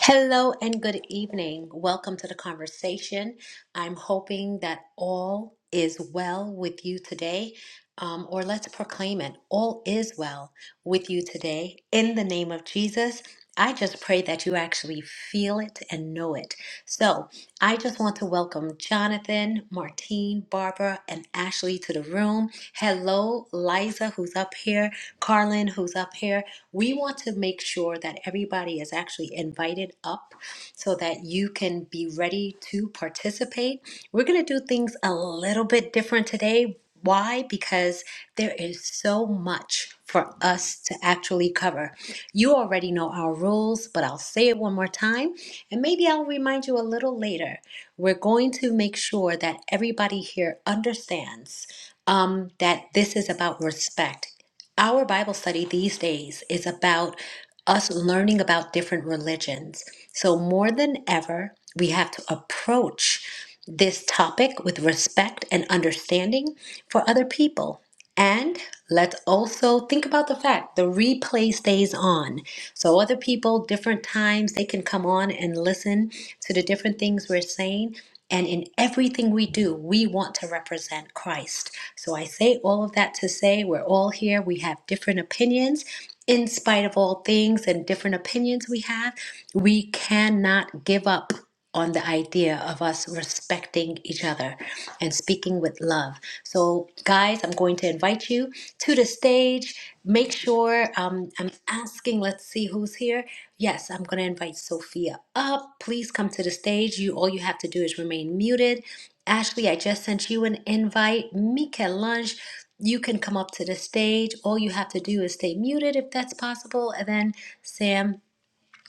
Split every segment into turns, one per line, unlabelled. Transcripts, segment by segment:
Hello and good evening. Welcome to the conversation. I'm hoping that all is well with you today, um, or let's proclaim it all is well with you today. In the name of Jesus, I just pray that you actually feel it and know it. So I just want to welcome Jonathan, Martine, Barbara, and Ashley to the room. Hello, Liza, who's up here, Carlin, who's up here. We want to make sure that everybody is actually invited up so that you can be ready to participate. We're going to do things a little bit different today. Why? Because there is so much for us to actually cover. You already know our rules, but I'll say it one more time and maybe I'll remind you a little later. We're going to make sure that everybody here understands um, that this is about respect. Our Bible study these days is about us learning about different religions. So, more than ever, we have to approach this topic with respect and understanding for other people. And let's also think about the fact the replay stays on. So, other people, different times, they can come on and listen to the different things we're saying. And in everything we do, we want to represent Christ. So, I say all of that to say we're all here, we have different opinions. In spite of all things and different opinions we have, we cannot give up on the idea of us respecting each other and speaking with love. So, guys, I'm going to invite you to the stage. Make sure um, I'm asking, let's see who's here. Yes, I'm going to invite Sophia up. Please come to the stage. You all you have to do is remain muted. Ashley, I just sent you an invite. Mika Lunch, you can come up to the stage. All you have to do is stay muted if that's possible. And then Sam,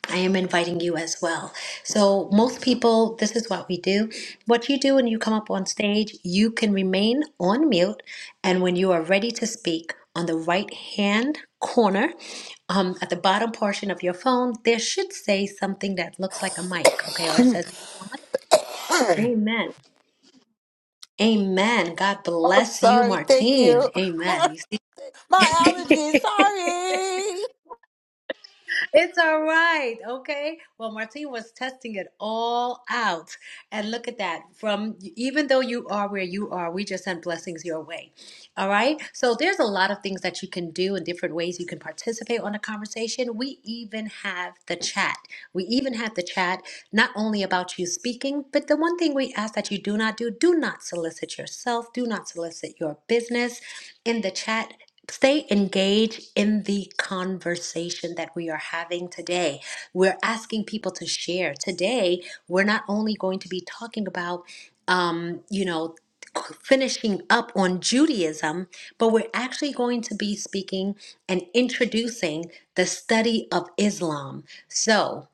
I am inviting you as well. So, most people, this is what we do. What you do when you come up on stage, you can remain on mute. And when you are ready to speak, on the right hand corner, um, at the bottom portion of your phone, there should say something that looks like a mic, okay? Or it
I'm
says, Amen. Amen. God bless you,
sorry. Thank you.
Martine. Amen. You
My allergies.
see?
Sorry.
It's all right. Okay. Well, Martine was testing it all out. And look at that. From even though you are where you are, we just sent blessings your way. All right. So there's a lot of things that you can do and different ways you can participate on a conversation. We even have the chat. We even have the chat not only about you speaking, but the one thing we ask that you do not do, do not solicit yourself, do not solicit your business in the chat. Stay engaged in the conversation that we are having today. We're asking people to share. Today, we're not only going to be talking about um, you know, finishing up on Judaism, but we're actually going to be speaking and introducing the study of Islam. So,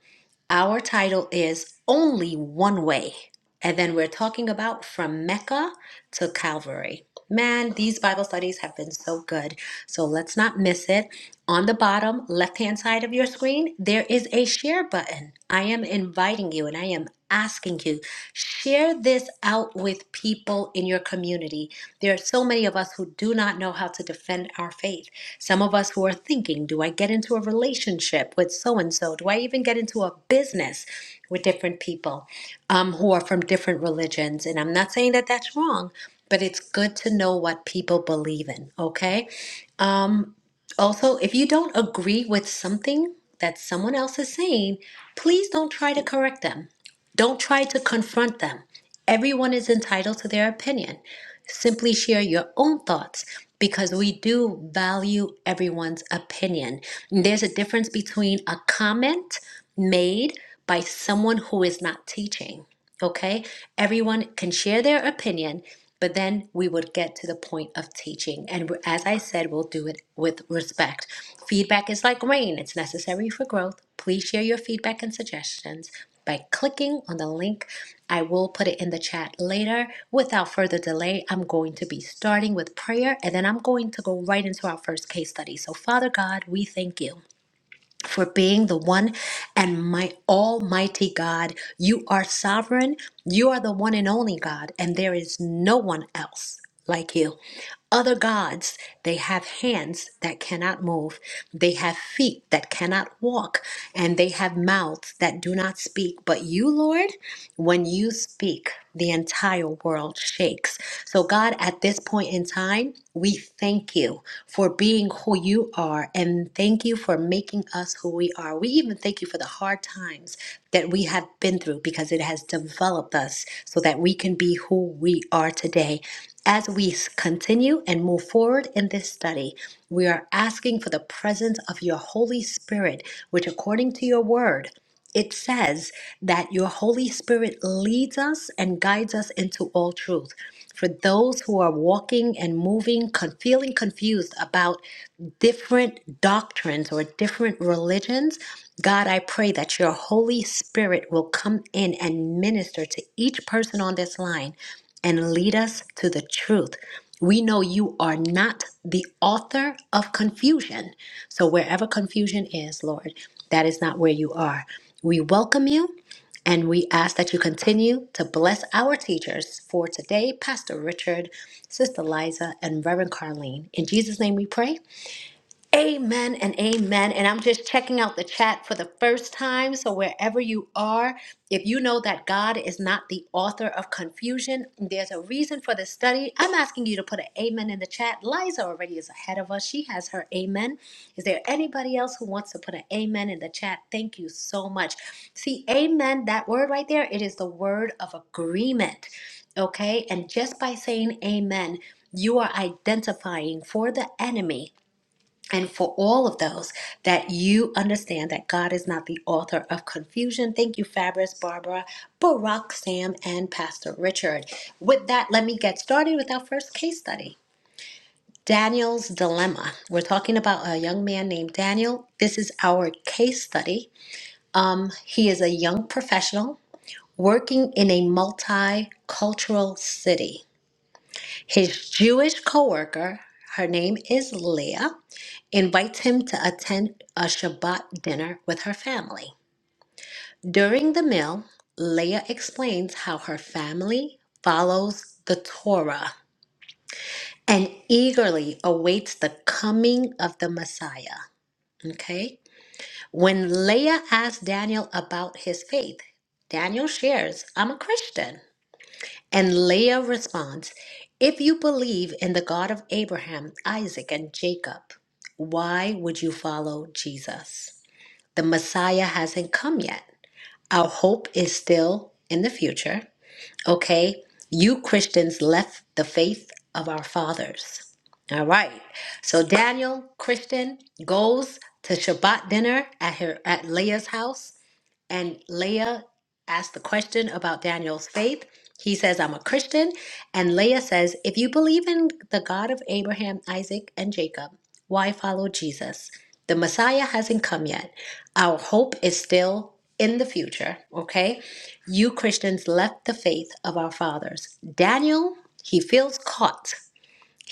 our title is Only One Way. And then we're talking about from Mecca to Calvary. Man, these Bible studies have been so good. So let's not miss it. On the bottom left hand side of your screen, there is a share button. I am inviting you and I am asking you share this out with people in your community. There are so many of us who do not know how to defend our faith. Some of us who are thinking, do I get into a relationship with so and so? Do I even get into a business with different people? um, who are from different religions. And I'm not saying that that's wrong, but it's good to know what people believe in, okay? Um, also, if you don't agree with something that someone else is saying, please don't try to correct them. Don't try to confront them. Everyone is entitled to their opinion. Simply share your own thoughts because we do value everyone's opinion. There's a difference between a comment made by someone who is not teaching, okay? Everyone can share their opinion, but then we would get to the point of teaching. And we- as I said, we'll do it with respect. Feedback is like rain, it's necessary for growth. Please share your feedback and suggestions by clicking on the link. I will put it in the chat later. Without further delay, I'm going to be starting with prayer and then I'm going to go right into our first case study. So, Father God, we thank you for being the one and my almighty God. You are sovereign, you are the one and only God, and there is no one else like you other gods. They have hands that cannot move, they have feet that cannot walk, and they have mouths that do not speak. But you, Lord, when you speak, the entire world shakes. So, God, at this point in time, we thank you for being who you are and thank you for making us who we are. We even thank you for the hard times that we have been through because it has developed us so that we can be who we are today. As we s- continue and move forward in this study, we are asking for the presence of your Holy Spirit, which, according to your word, it says that your Holy Spirit leads us and guides us into all truth. For those who are walking and moving, con- feeling confused about different doctrines or different religions, God, I pray that your Holy Spirit will come in and minister to each person on this line and lead us to the truth. We know you are not the author of confusion. So, wherever confusion is, Lord, that is not where you are. We welcome you and we ask that you continue to bless our teachers for today, Pastor Richard, Sister Liza, and Reverend Carlene. In Jesus' name we pray. Amen and amen. And I'm just checking out the chat for the first time. So, wherever you are, if you know that God is not the author of confusion, there's a reason for this study. I'm asking you to put an amen in the chat. Liza already is ahead of us. She has her amen. Is there anybody else who wants to put an amen in the chat? Thank you so much. See, amen, that word right there, it is the word of agreement. Okay. And just by saying amen, you are identifying for the enemy and for all of those that you understand that God is not the author of confusion, thank you, Fabrice, Barbara, Barack, Sam, and Pastor Richard. With that, let me get started with our first case study Daniel's Dilemma. We're talking about a young man named Daniel. This is our case study. Um, he is a young professional working in a multicultural city. His Jewish coworker, her name is Leah invites him to attend a Shabbat dinner with her family. During the meal, Leah explains how her family follows the Torah and eagerly awaits the coming of the Messiah. Okay? When Leah asks Daniel about his faith, Daniel shares, I'm a Christian. And Leah responds, If you believe in the God of Abraham, Isaac, and Jacob, why would you follow Jesus? The Messiah hasn't come yet. Our hope is still in the future. Okay? You Christians left the faith of our fathers. All right. So Daniel, Christian, goes to Shabbat dinner at her at Leah's house and Leah asked the question about Daniel's faith. He says, I'm a Christian. And Leah says, If you believe in the God of Abraham, Isaac, and Jacob, why follow Jesus? The Messiah hasn't come yet. Our hope is still in the future, okay? You Christians left the faith of our fathers. Daniel, he feels caught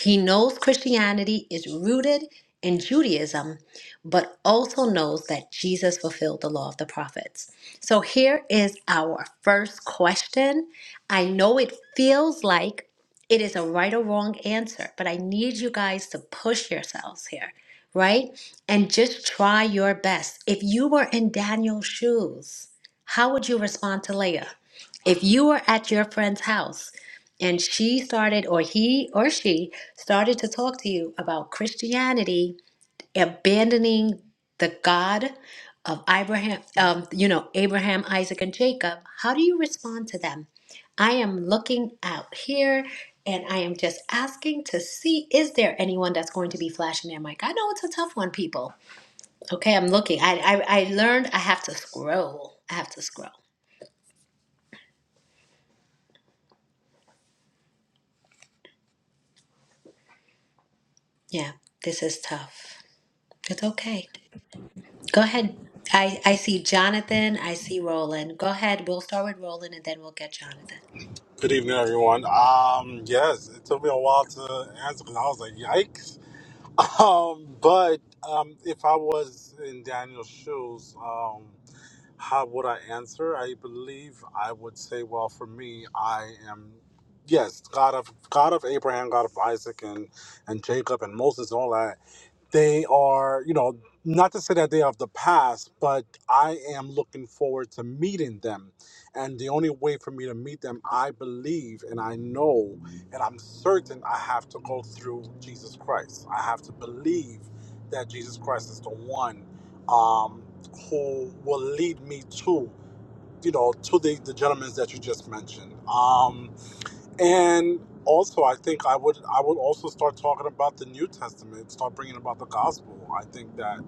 he knows Christianity is rooted in Judaism, but also knows that Jesus fulfilled the law of the prophets. So here is our first question. I know it feels like it is a right or wrong answer, but I need you guys to push yourselves here, right? And just try your best. If you were in Daniel's shoes, how would you respond to Leah? If you were at your friend's house, and she started, or he or she started to talk to you about Christianity abandoning the God of Abraham, um, you know, Abraham, Isaac, and Jacob, how do you respond to them? I am looking out here and I am just asking to see is there anyone that's going to be flashing their mic? I know it's a tough one, people. Okay, I'm looking. I, I, I learned I have to scroll. I have to scroll. Yeah, this is tough. It's okay. Go ahead. I, I see Jonathan. I see Roland. Go ahead. We'll start with Roland and then we'll get Jonathan.
Good evening, everyone. Um, yes, it took me a while to answer because I was like, "Yikes!" Um, but um, if I was in Daniel's shoes, um, how would I answer? I believe I would say, "Well, for me, I am." Yes, God of God of Abraham, God of Isaac, and and Jacob, and Moses, and all that. They are, you know, not to say that they are of the past, but I am looking forward to meeting them. And the only way for me to meet them, I believe and I know and I'm certain I have to go through Jesus Christ. I have to believe that Jesus Christ is the one um, who will lead me to, you know, to the, the gentlemen that you just mentioned. Um, and also, I think I would I would also start talking about the New Testament, start bringing about the gospel. I think that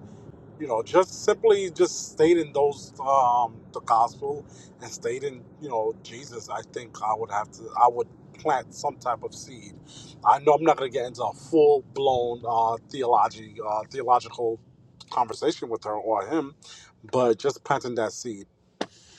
you know, just simply just stating those um, the gospel and stating you know Jesus. I think I would have to I would plant some type of seed. I know I'm not going to get into a full blown uh, theology uh, theological conversation with her or him, but just planting that seed.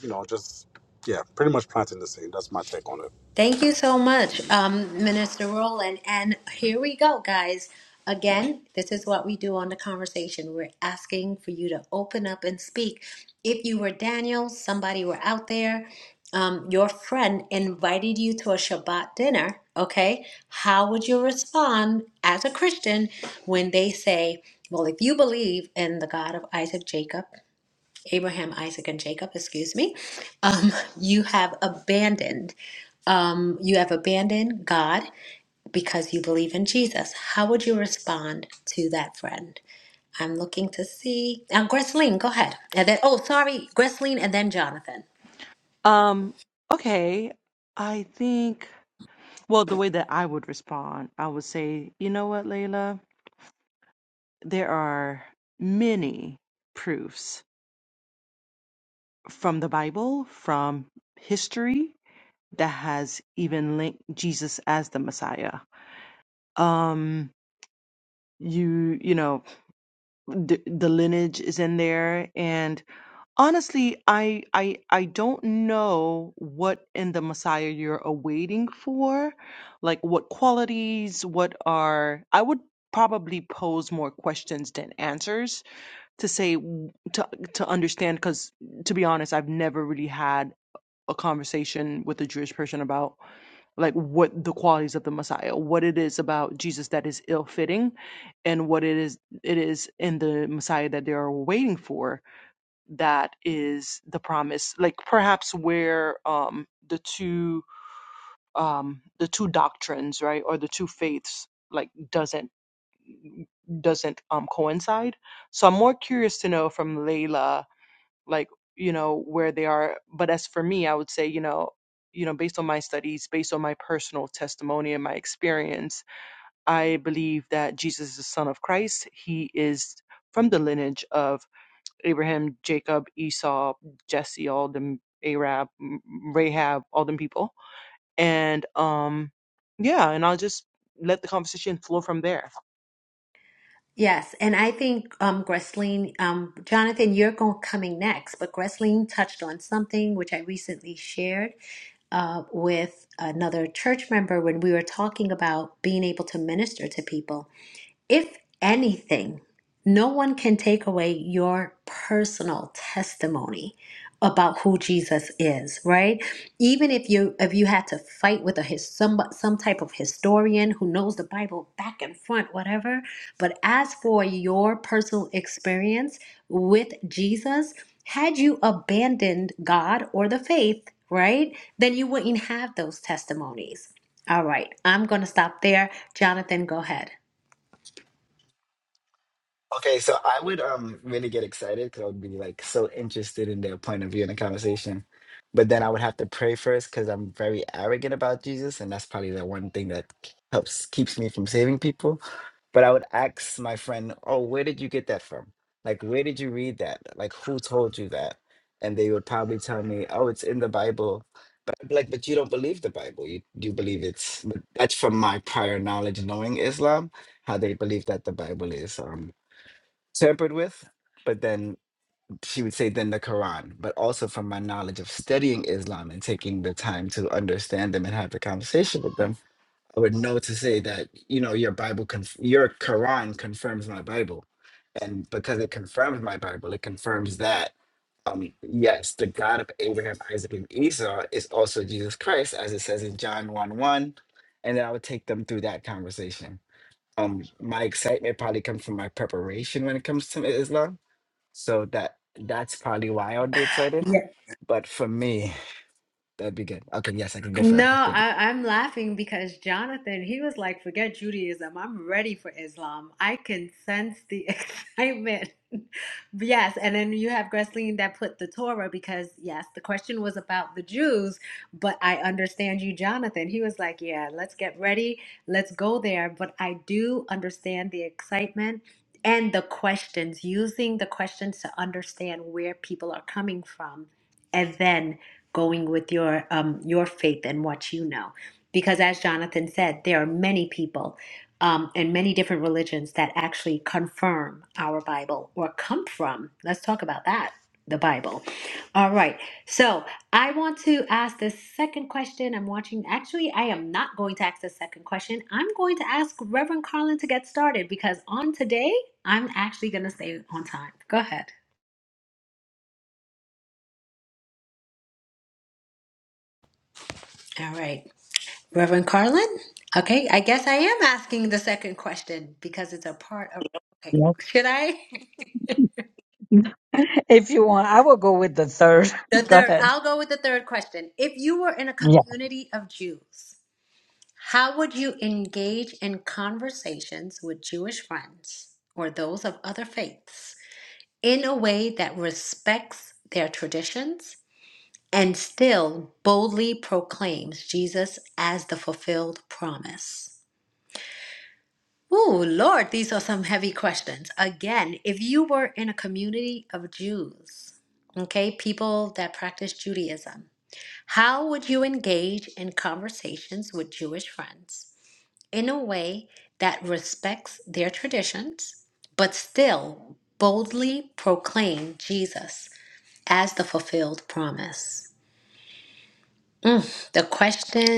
You know, just yeah, pretty much planting the seed. That's my take on it.
Thank you so much, um, Minister Rowland. And here we go, guys. Again, this is what we do on the conversation. We're asking for you to open up and speak. If you were Daniel, somebody were out there, um, your friend invited you to a Shabbat dinner, okay? How would you respond as a Christian when they say, well, if you believe in the God of Isaac, Jacob, Abraham, Isaac, and Jacob, excuse me, um, you have abandoned um, you have abandoned God because you believe in Jesus. How would you respond to that friend? I'm looking to see. Um, Gresleen, go ahead. And then, oh, sorry, Gresleen and then Jonathan.
Um, okay. I think, well, the way that I would respond, I would say, you know what, Layla? There are many proofs from the Bible, from history that has even linked Jesus as the Messiah. Um, you, you know, the, the lineage is in there and Honestly, I I I don't know what in the Messiah you're awaiting for, like what qualities, what are I would probably pose more questions than answers to say w- to to understand cuz to be honest, I've never really had a conversation with a Jewish person about like what the qualities of the Messiah, what it is about Jesus that is ill-fitting and what it is it is in the Messiah that they are waiting for that is the promise like perhaps where um the two um the two doctrines right or the two faiths like doesn't doesn't um coincide so i'm more curious to know from layla like you know where they are but as for me i would say you know you know based on my studies based on my personal testimony and my experience i believe that jesus is the son of christ he is from the lineage of Abraham, Jacob, Esau, Jesse, all them Arab, Rahab, all them people. And um yeah, and I'll just let the conversation flow from there.
Yes, and I think um, Gresleen, um, Jonathan, you're going coming next, but Gresleen touched on something which I recently shared uh, with another church member when we were talking about being able to minister to people If anything, no one can take away your personal testimony about who Jesus is, right? Even if you if you had to fight with a his, some some type of historian who knows the Bible back and front, whatever. But as for your personal experience with Jesus, had you abandoned God or the faith, right? Then you wouldn't have those testimonies. All right, I'm gonna stop there. Jonathan, go ahead.
Okay, so I would um really get excited because I would be like so interested in their point of view in the conversation. But then I would have to pray first because I'm very arrogant about Jesus, and that's probably the one thing that helps keeps me from saving people. But I would ask my friend, "Oh, where did you get that from? Like, where did you read that? Like, who told you that?" And they would probably tell me, "Oh, it's in the Bible." But I'd be like, "But you don't believe the Bible. You you believe it's." But that's from my prior knowledge, knowing Islam, how they believe that the Bible is. Um, tempered with, but then she would say then the Quran, but also from my knowledge of studying Islam and taking the time to understand them and have the conversation with them, I would know to say that you know your Bible, conf- your Quran confirms my Bible, and because it confirms my Bible, it confirms that. Um, yes, the God of Abraham, Isaac, and Esau is also Jesus Christ, as it says in John 1 1. And then I would take them through that conversation um my excitement probably comes from my preparation when it comes to Islam so that that's probably why I would be excited. But for me, that'd be good. Okay, yes, I can go forever.
No,
Thank you.
I, I'm laughing because Jonathan, he was like, forget Judaism. I'm ready for Islam. I can sense the excitement. Yes. And then you have Gresleen that put the Torah because, yes, the question was about the Jews, but I understand you, Jonathan. He was like, yeah, let's get ready. Let's go there. But I do understand the excitement and the questions, using the questions to understand where people are coming from. And then going with your um, your faith and what you know because as jonathan said there are many people um, and many different religions that actually confirm our bible or come from let's talk about that the bible all right so i want to ask the second question i'm watching actually i am not going to ask the second question i'm going to ask reverend carlin to get started because on today i'm actually going to stay on time go ahead all right Reverend Carlin? Okay, I guess I am asking the second question because it's a part of. Okay,
Yeah.
should I?
If you want, I will go with the third.
The
Go
third,
ahead.
I'll go with the third question. If you were in a
Yeah.
community of Jews, how would you engage in conversations with Jewish friends or those of other faiths in a way that respects their traditions and still boldly proclaims Jesus as the fulfilled promise? Ooh, Lord, these are some heavy questions. Again, if you were in a community of Jews, okay, people that practice Judaism, how would you engage in conversations with Jewish friends in a way that respects their traditions, but still boldly proclaim Jesus as the fulfilled promise? Mm, the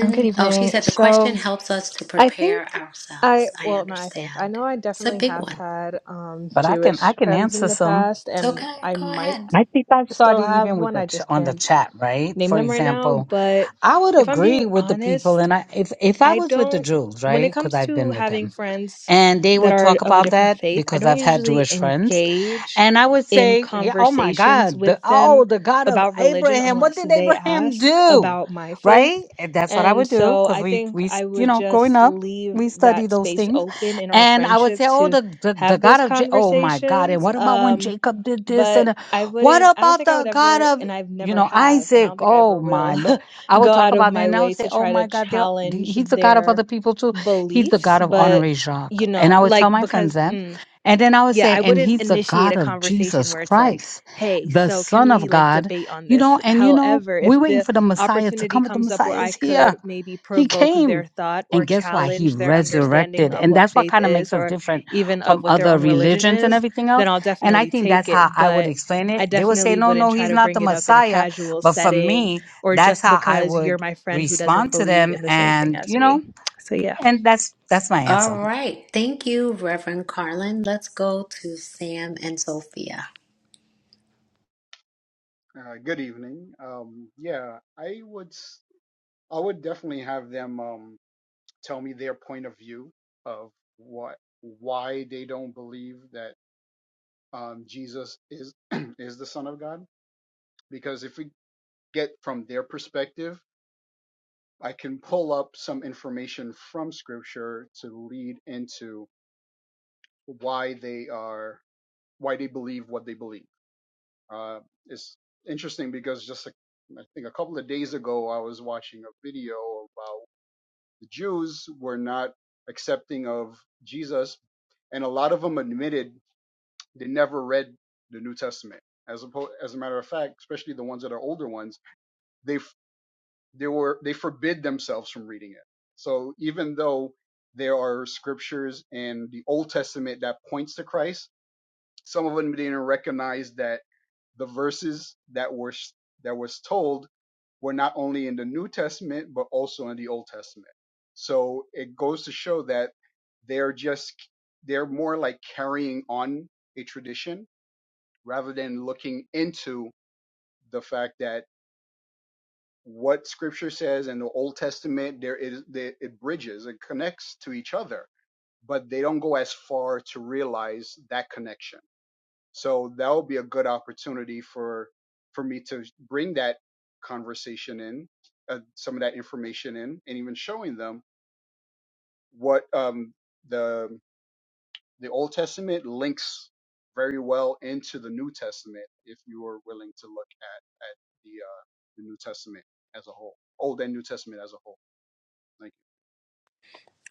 Um, Good
oh, she
evening.
said the question
So
helps us to
I
prepare
think
ourselves.
I,
I
well, no, I think I
understand.
know I
It's a
definitely
big
have
one.
had um,
But I can I
Jewish
can
friends in
answer
the
some.
past,
So
and
okay,
I
go
All
might
right.
ahead.
I think I
still
started
have
even with
one.
the
I
ch-
just
on the
can't
chat, right?
name
For
them right now.
example,
But
I would
if I'm being
agree with the
honest,
people, and I if if I
I
was with the
don't,
Jews,
when
right?
it
Because
comes
I've
to
been with them.
having friends
And they
that
would
are
talk
of a
about
different
that
faith, I
because
don't
I've had
usually
Jewish friends.
engage
And I would
in
say, yeah, oh my
conversations
God, the,
with
oh,
them
the God of
about religion
Abraham. What
unless
did
they
Abraham
ask
do?
about my
Right?
faith.
And that's what I
And
would do
so
because
I
we,
think
we, s-
I
you
would
know, growing
just
up,
leave
we study
that
those
space
things.
open in our
And I would
friendship
say, oh,
to
the, the, the
have
God
those
of, J- oh my God. And
conversations.
what about when
Um,
Jacob did this?
but
And uh,
I
what
wouldn't, I don't
about
think I
the
would
God
ever,
of
and I've
you
never
know,
have, and I
Isaac,
don't think I
oh
ever
my
will
Lord. I would
go
talk
out of
about it
my
and I
way
would
to
say, oh
try to
my God, they're,
challenge
he's the God of
their
other people too. He's the
beliefs,
God of
but
Honoré
you
Jacques. And
know,
I would
like
tell my friends
because
that.
mm,
And then I would
yeah,
say,
I
and
wouldn't
he's the
initiate a
God of
conversation
Jesus
where it's like,
Christ,
"Hey,
the
so can
Son
we,
of
like,
God.
debate on
You
this?"
know, and you know,
However,
we're
if
waiting
the
for the Messiah to
opportunity
come, but the
comes up
Messiah
where I
is
could
here.
maybe
He
provoke
came.
their thought
And
or
guess why? He
challenge their understanding
resurrected.
of
And
what
that's what
faith
kind of
is
makes us
or
different
even of
from
what their
other
own religion
religions and
is,
everything
then
else.
I'll
And I
definitely
think
take
that's how
it,
I would
but
explain
I
it. They would say,
definitely
no,
wouldn't
no,
try
he's
to
not the
bring it up in a
Messiah.
casual
But for
setting
me,
or
that's
just
how I
because you're
would
my friend who doesn't
respond to
believe
them.
in the same thing
And,
as
you
me.
know,
So, yeah.
and that's, that's my
All
answer.
right. Thank you, Reverend Carlin. Let's go to Sam and Sophia.
Uh, good evening. Um, yeah, I would s- I would definitely have them um, tell me their point of view of what why they don't believe that um, Jesus is is the Son of God. Because if we get from their perspective, I can pull up some information from Scripture to lead into why they are why they believe what they believe. Uh, it's interesting because just a, I think a couple of days ago, I was watching a video about the Jews were not accepting of Jesus, and a lot of them admitted they never read the New Testament. As a, as a matter of fact, especially the ones that are older ones, they they were they forbid themselves from reading it. So even though there are scriptures in the Old Testament that points to Christ, some of them didn't recognize that the verses that were that was told were not only in the New Testament but also in the Old Testament. So it goes to show that they're just they're more like carrying on a tradition rather than looking into the fact that what Scripture says in the Old Testament there is there, it bridges it connects to each other, but they don't go as far to realize that connection. So that will be a good opportunity for for me to bring that conversation in, uh, some of that information in, and even showing them what um, the the Old Testament links very well into the New Testament if you are willing to look at at the uh, the New Testament as a whole, Old and New Testament as a whole. Thank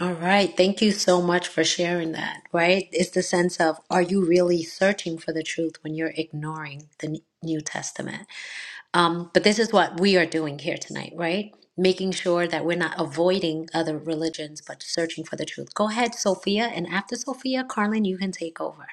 All right. Thank you so much for sharing that, right? It's the sense of are you really searching for the truth when you're ignoring the N- New Testament? Um, but this is what we are doing here tonight, right? Making sure that we're not avoiding other religions, but searching for the truth. Go ahead, Sophia. And after Sophia, Carlin, you can take over.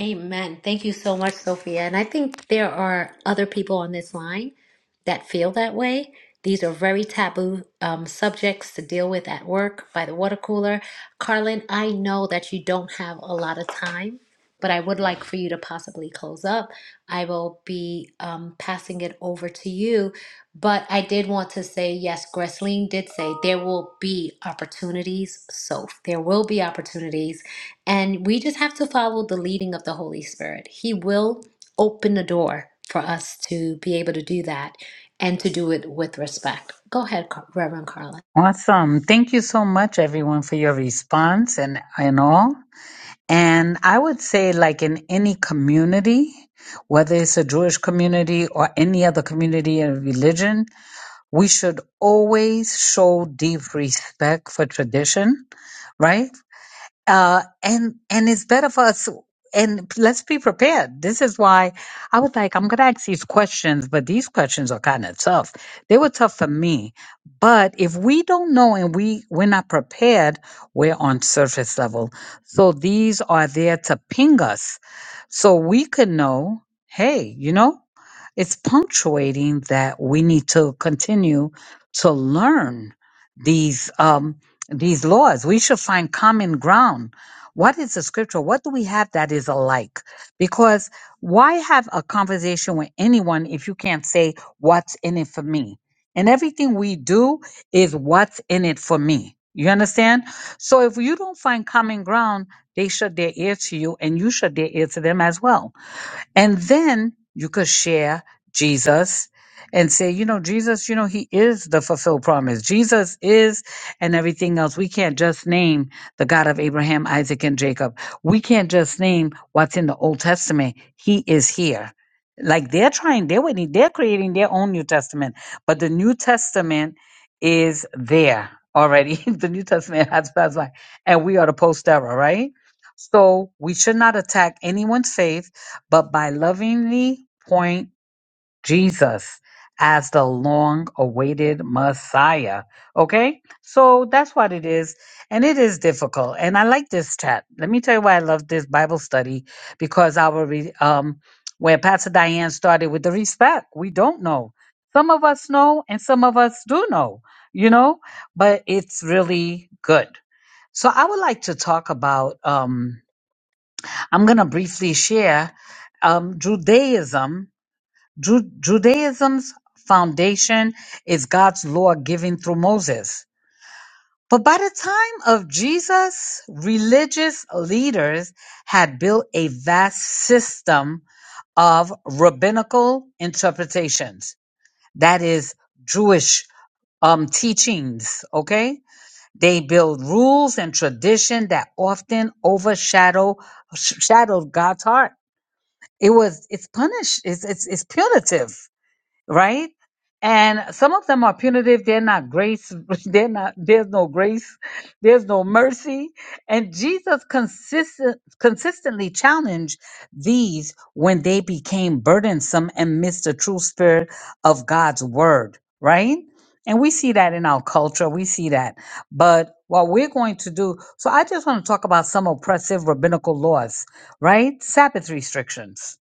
Amen. Thank you so much, Sophia. And I think there are other people on this line that feel that way. These are very taboo um, subjects to deal with at work by the water cooler. Carlin, I know that you don't have a lot of time, but I would like for you to possibly close up. I will be um, passing it over to you. But I did want to say yes, Gresleen did say there will be opportunities, Soph. There will be opportunities and we just have to follow the leading of the Holy Spirit. He will open the door for us to be able to do that and to do it with respect. Go ahead, Car- Reverend Carla.
Awesome. Thank you so much, everyone, for your response and, and all. And I would say, like in any community, whether it's a Jewish community or any other community or religion, we should always show deep respect for tradition, right? Uh, and and it's better for us. And let's be prepared. This is why I was like, I'm gonna ask these questions, but these questions are kind of tough. They were tough for me, but if we don't know and we we're not prepared, we're on surface level. So these are there to ping us, so we can know. Hey, you know it's punctuating that we need to continue to learn these um, these laws. We should find common ground. What is the scripture? What do we have that is alike? Because why have a conversation with anyone if you can't say what's in it for me? And everything we do is what's in it for me. You understand? So if you don't find common ground, they shut their ear to you and you shut their ear to them as well. And then you could share Jesus and say, you know, Jesus, you know, he is the fulfilled promise. Jesus is and everything else. We can't just name the God of Abraham, Isaac, and Jacob. We can't just name what's in the Old Testament. He is here. Like they're trying, they're waiting, they're creating their own New Testament. But the New Testament is there already. the New Testament has passed by. And we are the post era, right? So we should not attack anyone's faith but by lovingly point Jesus as the long awaited Messiah. Okay? So that's what it is. And it is difficult. And I like this chat. Let me tell you why I love this Bible study because our, re- um, where Pastor Diane started with the respect, we don't know. Some of us know and some of us do know, you know, but it's really good. So I would like to talk about, um, I'm going to briefly share um, Judaism. Ju- Judaism's foundation is God's law given through Moses. But by the time of Jesus, religious leaders had built a vast system of rabbinical interpretations. That is Jewish um, teachings, okay? They build rules and tradition that often overshadow shadowed God's heart it was it's punish it's it's, it's punitive right and some of them are punitive they're not grace they're not there's no grace there's no mercy and jesus consistent consistently challenged these when they became burdensome and missed the true spirit of god's word right and we see that in our culture we see that but what we're going to do so i just want to talk about some oppressive rabbinical laws right sabbath restrictions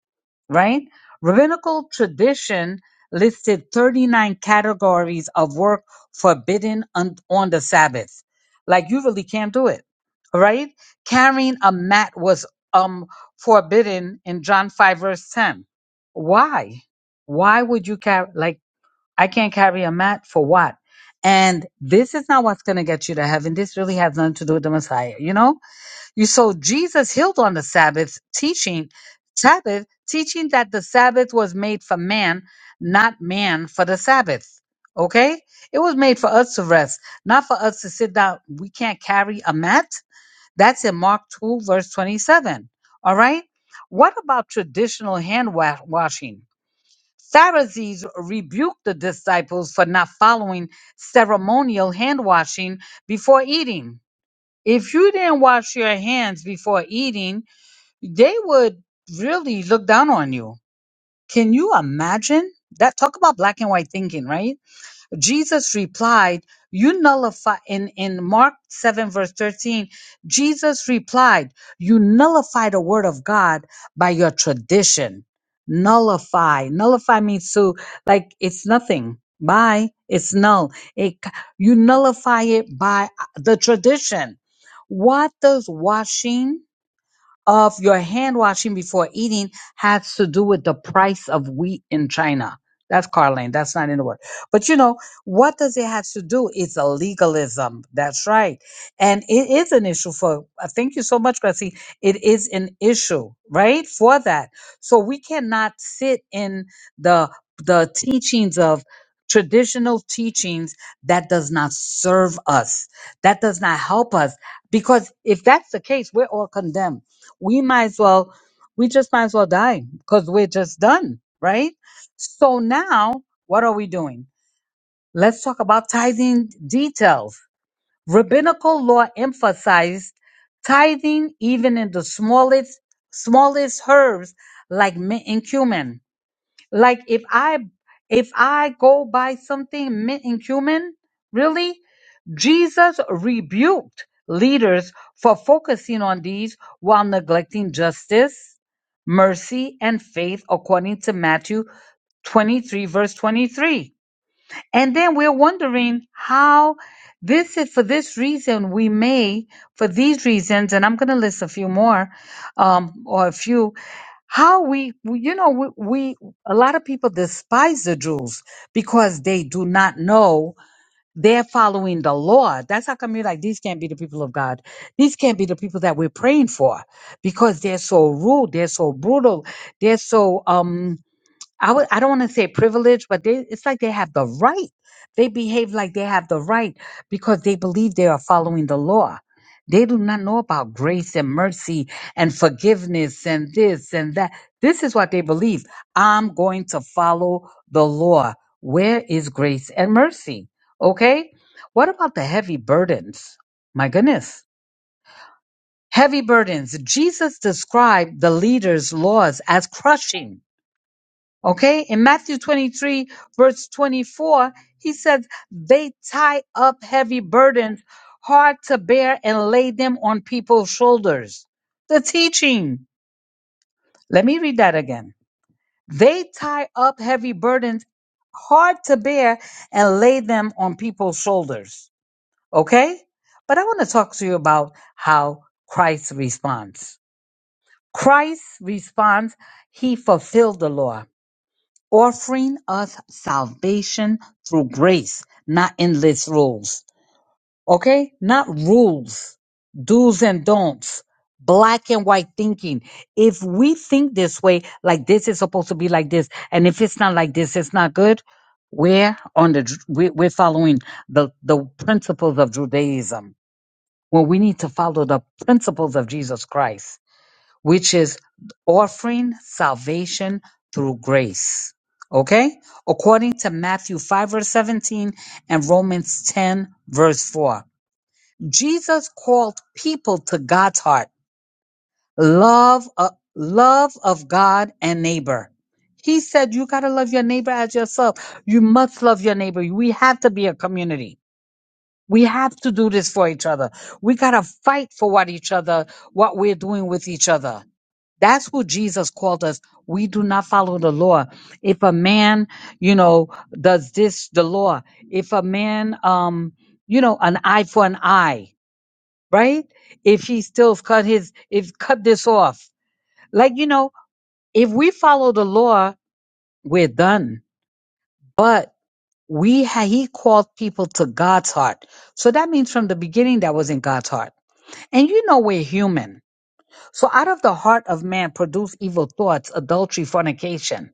right? Rabbinical tradition listed 39 categories of work forbidden on, on the Sabbath. Like you really can't do it, right? Carrying a mat was um forbidden in John 5 verse 10. Why? Why would you carry like I can't carry a mat for what? And this is not what's going to get you to heaven. This really has nothing to do with the Messiah, you know? You so Jesus healed on the Sabbath, teaching Sabbath, teaching that the Sabbath was made for man, not man for the Sabbath. Okay? It was made for us to rest, not for us to sit down. We can't carry a mat. That's in Mark 2, verse 27. All right? What about traditional hand wa- washing? Pharisees rebuked the disciples for not following ceremonial hand washing before eating. If you didn't wash your hands before eating, they would really look down on you. Can you imagine that? Talk about black and white thinking, right? Jesus replied, You nullify in, in Mark 7, verse 13, Jesus replied, You nullify the word of God by your tradition. Nullify. Nullify means to like it's nothing. By It's null. It you nullify it by uh, the tradition. What does washing? of your hand washing before eating has to do with the price of wheat in China. That's Carlene. That's not in the word. But you know, what does it have to do? It's a legalism. That's right. And it is an issue for, uh, thank you so much, Gracie. It is an issue, right? For that. So we cannot sit in the, the teachings of traditional teachings that does not serve us. That does not help us. Because if that's the case, we're all condemned we might as well we just might as well die because we're just done right so now what are we doing let's talk about tithing details rabbinical law emphasized tithing even in the smallest smallest herbs like mint and cumin like if I if I go by something mi- inhuman, really, Jesus rebuked leaders for focusing on these while neglecting justice, mercy, and faith, according to Matthew 23, verse 23. And then we're wondering how this is for this reason we may, for these reasons, and I'm going to list a few more um, or a few, how we, we- you know, we, we, a lot of people despise the Jews because they do not know they're following the law. That's how come you're like, these can't be the people of God. These can't be the people that we're praying for because they're so rude. They're so brutal. They're so, um, I would I don't want to say privilege, but they it's like they have the right. They behave like they have the right because they believe they are following the law. They do not know about grace and mercy and forgiveness and this and that. This is what they believe. I'm going to follow the law. Where is grace and mercy? Okay? What about the heavy burdens? My goodness. Heavy burdens. Jesus described the leaders' laws as crushing Okay. In Matthew 23, verse 24, he says, They tie up heavy burdens hard to bear and lay them on people's shoulders. The teaching. Let me read that again. They tie up heavy burdens hard to bear and lay them on people's shoulders. Okay. But I want to talk to you about how Christ responds. Christ responds, He fulfilled the law. offering us salvation through grace, not endless rules. Okay? Not rules, do's and don'ts, black and white thinking. If we think this way, like this is supposed to be like this, and if it's not like this, it's not good. We're on the, Ju- we- we're following the, the principles of Judaism. Well, we need to follow the principles of Jesus Christ which is offering salvation through grace. Okay? According to Matthew 5, verse 17 and Romans 10, verse 4. Jesus called people to God's heart, love, uh, love of God and neighbor. He said, You got to love your neighbor as yourself. You must love your neighbor. We have to be a community. We have to do this for each other. We got to fight for what each other, what we're doing with each other. That's what Jesus called us. We do not follow the law. If a man, you know, does this, the law, if a man, um, you know, an eye for an eye, right? If he still cut his, if cut this off, like, you know, if we follow the law, we're done. But we, ha- he called people to God's heart. So that means from the beginning, that was in God's heart And you know we're human. So out of the heart of man produce evil thoughts, adultery, fornication.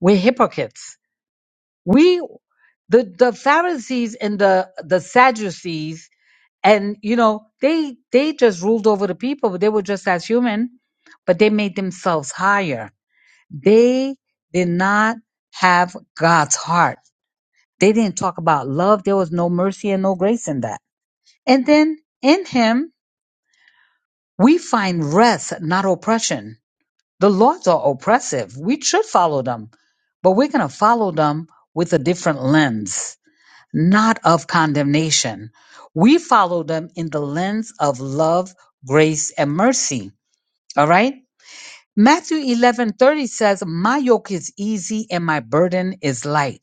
We're hypocrites. We the the Pharisees and the the Sadducees and you know they they just ruled over the people, but they were just as human, but they made themselves higher. They did not have God's heart. They didn't talk about love. There was no mercy and no grace in that. And then in him we find rest, not oppression The laws are oppressive. We should follow them, but we're going to follow them with a different lens, not of condemnation. We follow them in the lens of love, grace, and mercy. All right? Matthew 11 30 says, My yoke is easy and my burden is light.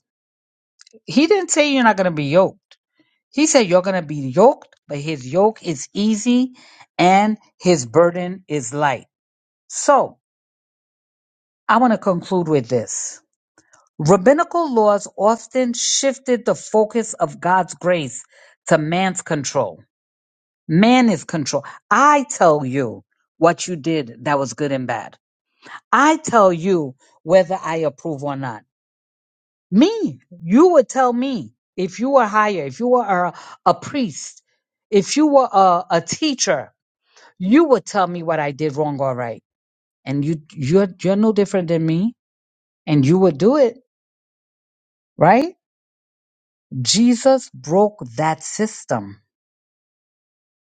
He didn't say you're not going to be yoked. He said you're going to be yoked, but his yoke is easy and his burden is light. So I want to conclude with this. Rabbinical laws often shifted the focus of God's grace to man's control. Man is control. I tell you what you did that was good and bad. I tell you whether I approve or not. Me, you would tell me if you were higher, if you were a, a priest, if you were a, a teacher, you would tell me what I did wrong or right. And you, you're, you're no different than me and you would do it, right? Jesus broke that system,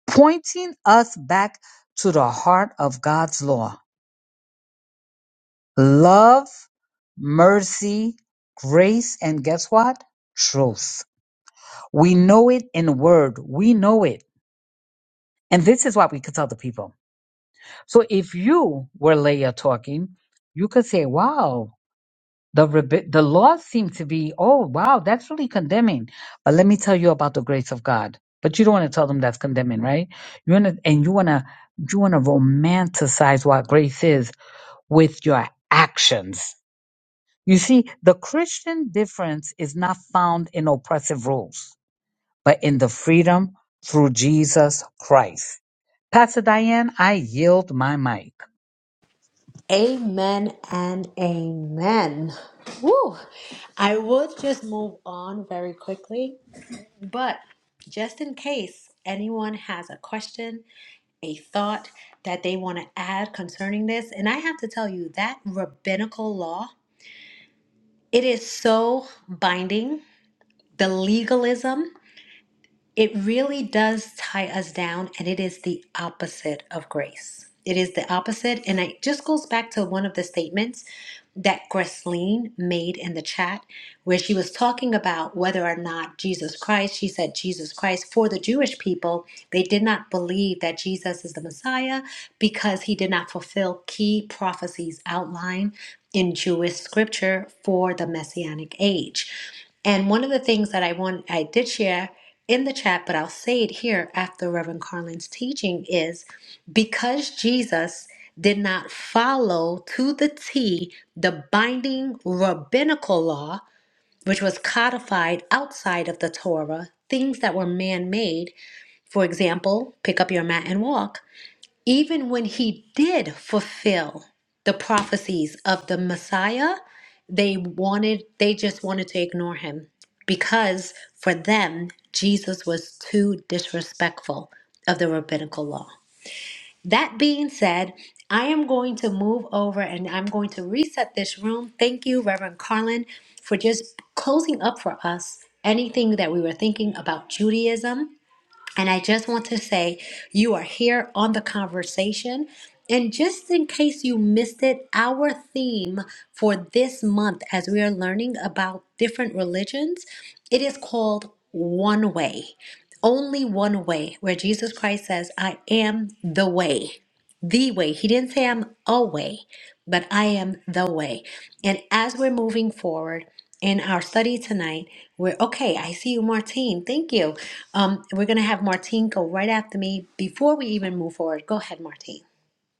pointing us back to the heart of God's law love, mercy, grace, and guess what? Truth. We know it in word, we know it. And this is what we could tell the people. So if you were Leah talking, you could say, wow, The rebe- the laws seem to be, oh wow, that's really condemning. But let me tell you about the grace of God. But you don't want to tell them that's condemning, right? You want to, and you want to, you want to romanticize what grace is with your actions. You see, the Christian difference is not found in oppressive rules, but in the freedom through Jesus Christ. Pastor Diane, I yield my mic.
Amen and amen. Woo! I would just move on very quickly, but just in case anyone has a question, a thought that they want to add concerning this, and I have to tell you that rabbinical law, it is so binding the legalism, it really does tie us down, and it is the opposite of grace. It is the opposite, and it just goes back to one of the statements that Gresleen made in the chat, where she was talking about whether or not Jesus Christ, she said Jesus Christ, for the Jewish people, they did not believe that Jesus is the Messiah because he did not fulfill key prophecies outlined in Jewish scripture for the Messianic age. And one of the things that I want I did share in the chat, but I'll say it here after Reverend Carlin's teaching is because Jesus did not follow to the T the binding rabbinical law, which was codified outside of the Torah, things that were man made. For example, pick up your mat and walk even when he did fulfill the prophecies of the Messiah, they wanted they just wanted to ignore him because for them Jesus was too disrespectful of the rabbinical law. That being said, I am going to move over and I'm going to reset this room. Thank you, Reverend Carlin, for just closing up for us anything that we were thinking about Judaism. And I just want to say you are here on the conversation. And just in case you missed it, our theme for this month, as we are learning about different religions, it is called One Way. Only one way, where Jesus Christ says, I am the way. The way. He didn't say I'm a way but I am the way. And as we're moving forward in our study tonight, we're okay. I see you, Martine. Thank you. Um, we're gonna have Martine go right after me before we even move forward. Go ahead, Martine.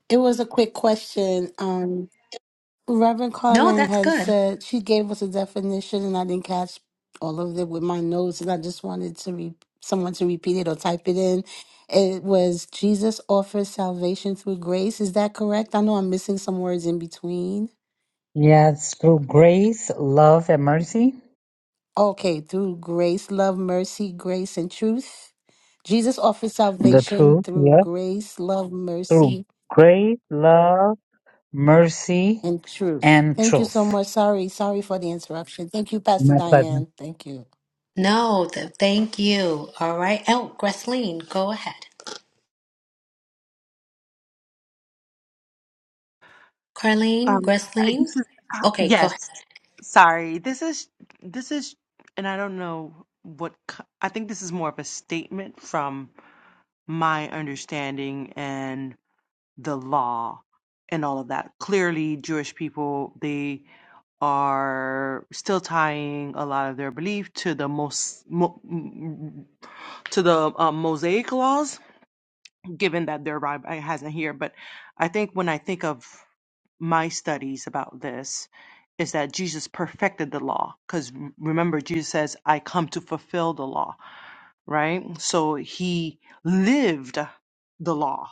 It was a quick question. Um, Reverend
No,
Carlin
that's
had
good.
said she gave us a definition, and I didn't catch all of it with my notes, and I just wanted to re- someone to repeat it or type it in. It was Jesus offers salvation through grace. Is that correct? I know I'm missing some words in between.
Yes, through grace, love, and mercy.
Okay, through grace, love, mercy, grace, and truth. Jesus offers
The
salvation
truth. Yep.
through grace, love,
through
mercy,
great love, mercy,
and truth.
and
Thank you so
truth.
much. Sorry, sorry for the interruption. Thank you, Pastor
My pleasure.
Diane. Thank you.
No, th- thank you. All right. Oh, Gresleen, go ahead. Carlene,
Um, I-
Gresleen.
this is uh,
Okay, go ahead.
yes. Sorry, this is this is, and I don't know what co- I think. This is more of a statement from my understanding, and. the law and all of that. Clearly, Jewish people, they are still tying a lot of their belief to the most mo, mm, to the um, Mosaic laws, given that their rabbi hasn't here. But I think when I think of my studies about this, is that Jesus perfected the law because remember Jesus says, "I come to fulfill the law." Right, so he lived the law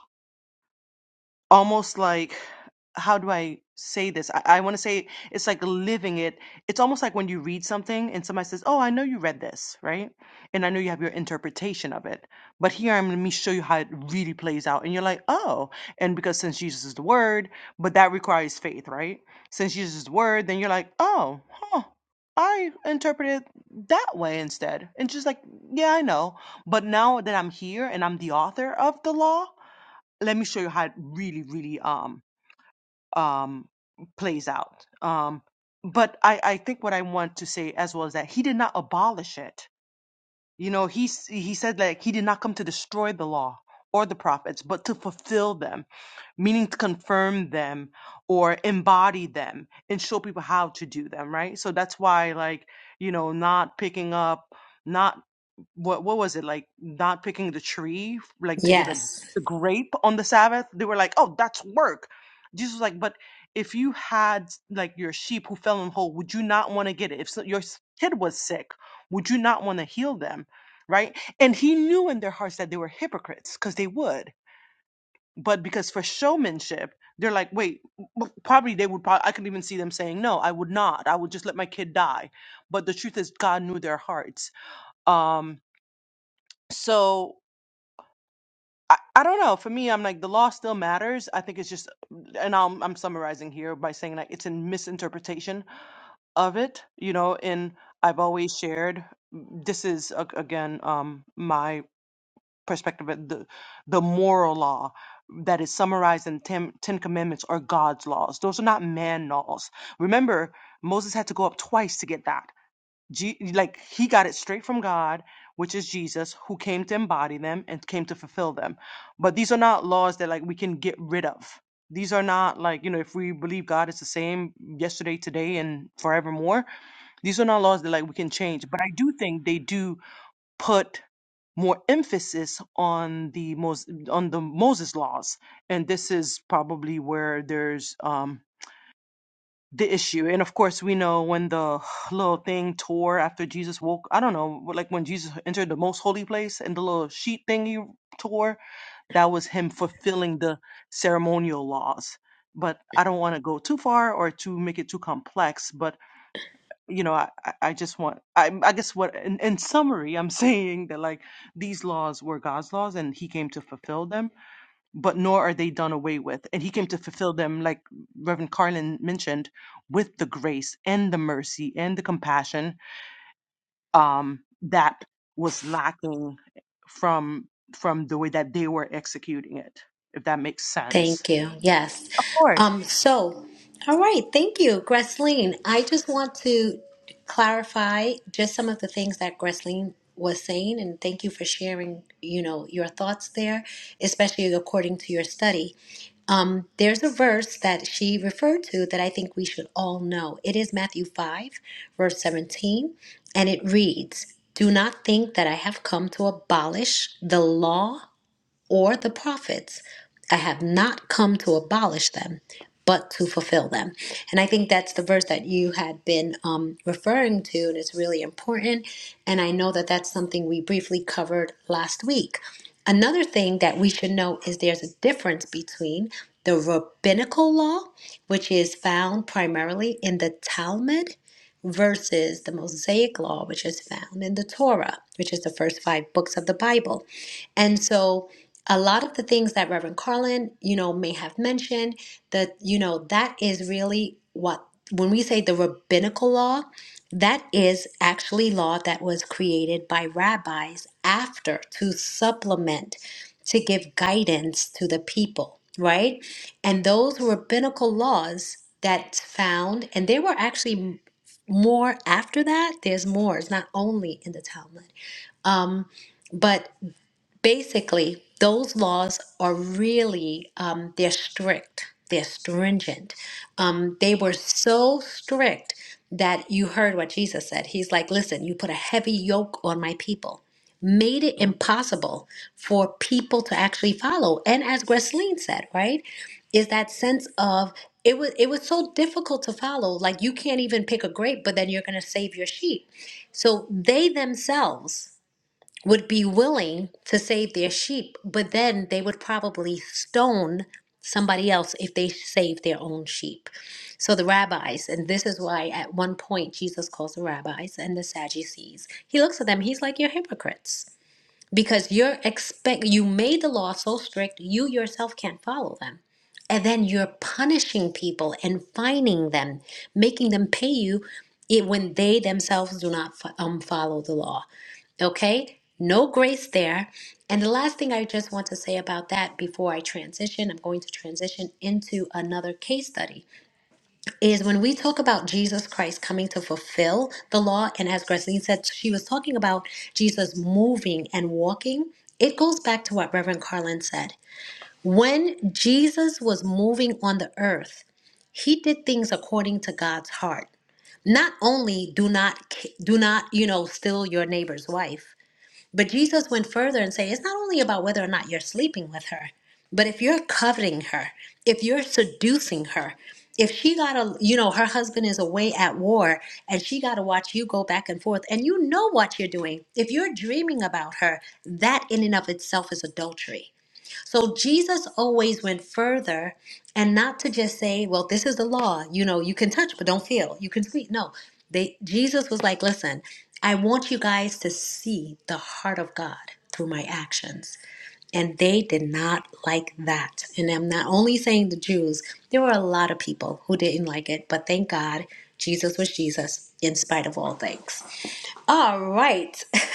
almost like how do I say this? I, I want to say it's like living it. It's almost like when you read something and somebody says, "Oh, I know you read this, right?" And I know you have your interpretation of it, but here I'm let me show you how it really plays out, and you're like, "Oh," and because since Jesus is the Word, but that requires faith, right? Since Jesus is the Word, then you're like, "Oh, huh." I interpreted that way instead. And just like, yeah, I know. But now that I'm here and I'm the author of the law, let me show you how it really really um um plays out um but i i think what i want to say as well is that he did not abolish it you know he s- he said like he did not come to destroy the law or the prophets but to fulfill them meaning to confirm them or embody them and show people how to do them right so that's why like you know not picking up not what what was it like not picking the tree like to get a,
Yes.
a grape on the sabbath they were like oh that's work jesus was like but if you had like your sheep who fell in a hole would you not want to get it if so, your s- kid was sick would you not want to heal them right and he knew in their hearts that they were hypocrites because they would but because for showmanship they're like wait w- probably they would probably i could even see them saying no i would not i would just let my kid die but the truth is god knew their hearts um so I, I don't know. For me, I'm like the law still matters. I think it's just, and I'm I'm summarizing here by saying like it's a misinterpretation of it. You know, and I've always shared this is a- again um my perspective of the the moral law that is summarized in ten, ten commandments are god's laws those are not man laws remember moses had to go up twice to get that Je- like he got it straight from God, which is Jesus, who came to embody them and came to fulfill them. But these are not laws that like we can get rid of. These are not like you know if we believe God is the same yesterday, today, and forevermore. These are not laws that like we can change. But I do think they do put more emphasis on the Mos- on the Moses laws, and this is probably where there's um the issue. And of course, we know when the little thing tore after Jesus woke, I don't know, like when Jesus entered the most holy place and the little sheet thing he tore, that was him fulfilling the ceremonial laws. But I don't want to go too far or to make it too complex. But you know, I, I I just want I I guess what in, in summary I'm saying that like these laws were God's laws and He came to fulfill them but nor are they done away with. And he came to fulfill them, like Reverend Carlin mentioned, with the grace and the mercy and the compassion um, that was lacking from from the way that they were executing it, if that makes sense.
Thank you. Yes. Um, so, all right. Thank you, Gresleen. I just want to clarify just some of the things that Gresleen was saying, and thank you for sharing, you know, your thoughts there, especially according to your study. Um, there's a verse that she referred to that I think we should all know. It is Matthew 5, verse 17, and it reads, Do not think that I have come to abolish the law or the prophets. I have not come to abolish them, but to fulfill them. And I think that's the verse that you had been um, referring to, and it's really important. And I know that that's something we briefly covered last week. Another thing that we should know is there's a difference between the rabbinical law, which is found primarily in the Talmud, versus the Mosaic law, which is found in the Torah, which is the first five books of the Bible. And so a lot of the things that Reverend Carlin, you know, may have mentioned that, you know, that is really what when we say the rabbinical law, that is actually law that was created by rabbis after to supplement, to give guidance to the people, right? And those rabbinical laws that's found, and they were actually more after that. There's more. It's not only in the Talmud. Um, but basically those laws are really um, they're strict they're stringent um, they were so strict that you heard what jesus said he's like listen you put a heavy yoke on my people made it impossible for people to actually follow and as Gresleen said right is that sense of it was it was so difficult to follow like you can't even pick a grape but then you're going to save your sheep so they themselves would be willing to save their sheep, but then they would probably stone somebody else if they saved their own sheep. So the rabbis, and this is why at one point Jesus calls the rabbis and the Sadducees, he looks at them, he's like, You're hypocrites. Because you're expect you made the law so strict you yourself can't follow them. And then you're punishing people and fining them, making them pay you it, when they themselves do not fo- um, follow the law. Okay? No grace there. And the last thing I just want to say about that before I transition, I'm going to transition into another case study, is when we talk about Jesus Christ coming to fulfill the law, and as Gracelyn said, she was talking about Jesus moving and walking. It goes back to what Reverend Carlin said. When Jesus was moving on the earth, he did things according to God's heart. Not only do not do not, you know, steal your neighbor's wife, but Jesus went further and said, it's not only about whether or not you're sleeping with her, but if you're coveting her, if you're seducing her, if she got a, you know, her husband is away at war and she got to watch you go back and forth and you know what you're doing. If you're dreaming about her, that in and of itself is adultery. So Jesus always went further and not to just say, well, this is the law. You know, you can touch, but don't feel. You can speak. No, they, Jesus was like, listen, I want you guys to see the heart of God through my actions. And they did not like that. And I'm not only saying the Jews, there were a lot of people who didn't like it, but thank God Jesus was Jesus in spite of all things. All right.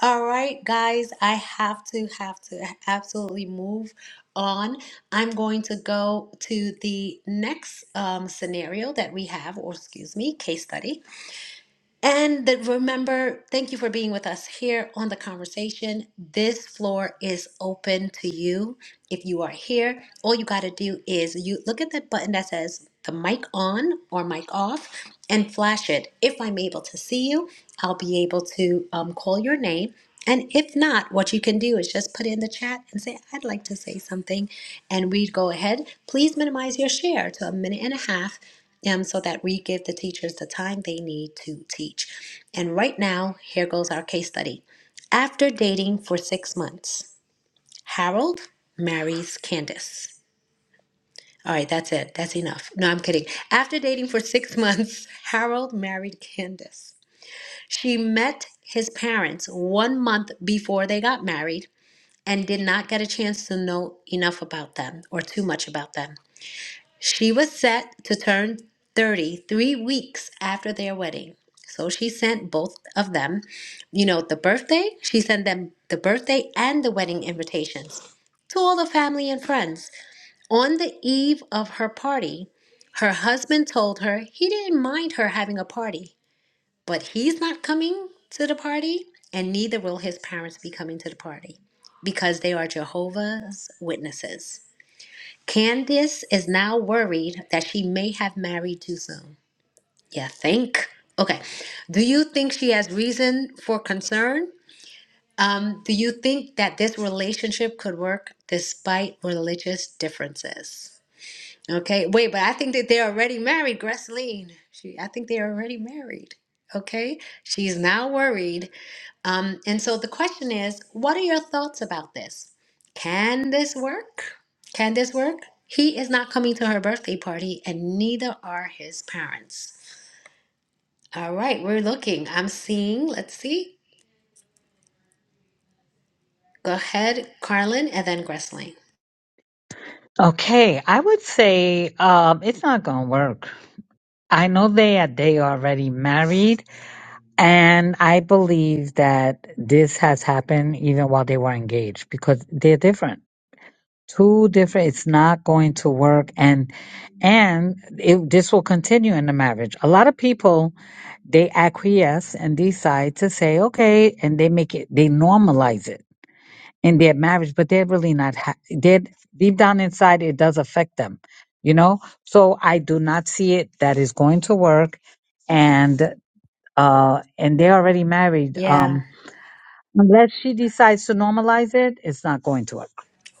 All right, guys, I have to have to absolutely move on. I'm going to go to the next um, scenario that we have, or excuse me, case study. And that remember, thank you for being with us here on the conversation. This floor is open to you. If you are here, all you got to do is you look at that button that says the mic on or mic off and flash it. If I'm able to see you, I'll be able to um, call your name. And if not, what you can do is just put in the chat and say, I'd like to say something. And we go ahead. Please minimize your share to a minute and a half um, so that we give the teachers the time they need to teach. And right now, here goes our case study. After dating for six months, Harold marries Candace. All right, that's it. That's enough. No, I'm kidding. After dating for six months, Harold married Candace. She met his parents one month before they got married and did not get a chance to know enough about them or too much about them. She was set to turn thirty three weeks after their wedding. So she sent both of them, you know, the birthday, she sent them the birthday and the wedding invitations to all the family and friends. On the eve of her party, her husband told her he didn't mind her having a party, but he's not coming to the party, and neither will his parents be coming to the party because they are Jehovah's Witnesses. Candace is now worried that she may have married too soon. Yeah, think. Okay. Do you think she has reason for concern? Um, do you think that this relationship could work despite religious differences? Okay, wait, but I think that they're already married, Gresleen. She, I think they're already married. Okay, she's now worried. Um, and so the question is, what are your thoughts about this? Can this work? Can this work? He is not coming to her birthday party, and neither are his parents. All right, we're looking. I'm seeing. Let's see. Go ahead, Carlin, and then Gresleen.
Okay, I would say um, it's not going to work. I know they are they already married, and I believe that this has happened even while they were engaged because they're different. Two different. It's not going to work, and and it, this will continue in the marriage. A lot of people they acquiesce and decide to say okay, and they make it they normalize it in their marriage, but they're really not. Ha- they're deep down inside, it does affect them, you know. So I do not see it that is going to work, and uh, and they're already married.
Yeah,
Um, unless she decides to normalize it, it's not going to work.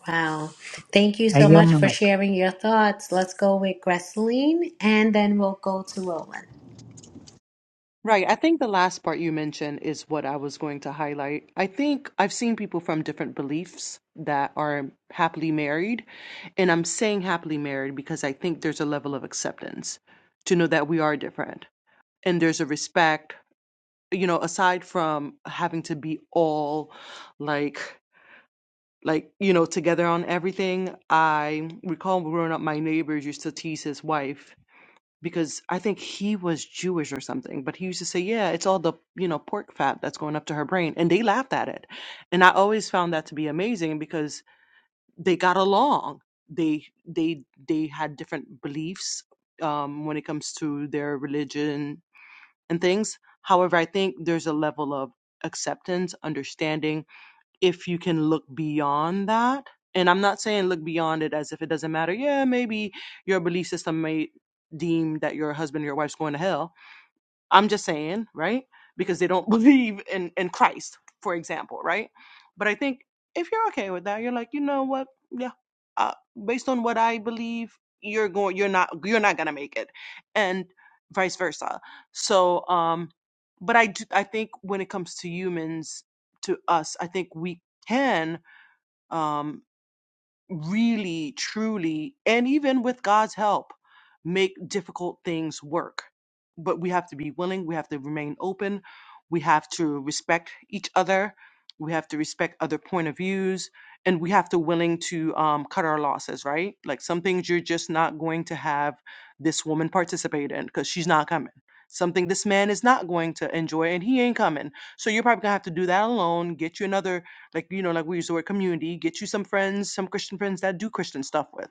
Wow. Thank you
I
so
yield
much
my
for
mic.
sharing your thoughts. Let's go with Gresseline and then we'll go to Roland.
Right. I think the last part you mentioned is what I was going to highlight. I think I've seen people from different beliefs that are happily married. And I'm saying happily married because I think there's a level of acceptance to know that we are different and there's a respect you know aside from having to be all like like you know together on everything i recall growing up my neighbors used to tease his wife because i think he was jewish or something but he used to say yeah it's all the you know pork fat that's going up to her brain and they laughed at it and i always found that to be amazing because they got along they they they had different beliefs um, when it comes to their religion and things. However, I think there's a level of acceptance, understanding if you can look beyond that. And I'm not saying look beyond it as if it doesn't matter. Yeah, maybe your belief system may deem that your husband or your wife's going to hell I'm just saying, right? Because they don't believe in in Christ, for example, right? But I think if you're okay with that, you're like, you know what? Yeah, uh, based on what I believe, you're going, you're not, you're not gonna make it, and vice versa. So, um, but I do, I think when it comes to humans, to us, I think we can. Um, really, truly, and even with God's help, make difficult things work. But we have to be willing, we have to remain open, we have to respect each other, we have to respect other point of views, and we have to willing to um, cut our losses, right? Like some things you're just not going to have this woman participate in because she's not coming. Something this man is not going to enjoy and he ain't coming. So you're probably gonna have to do that alone, get you another like, you know, like we use the word community, get you some friends, some Christian friends that do Christian stuff with.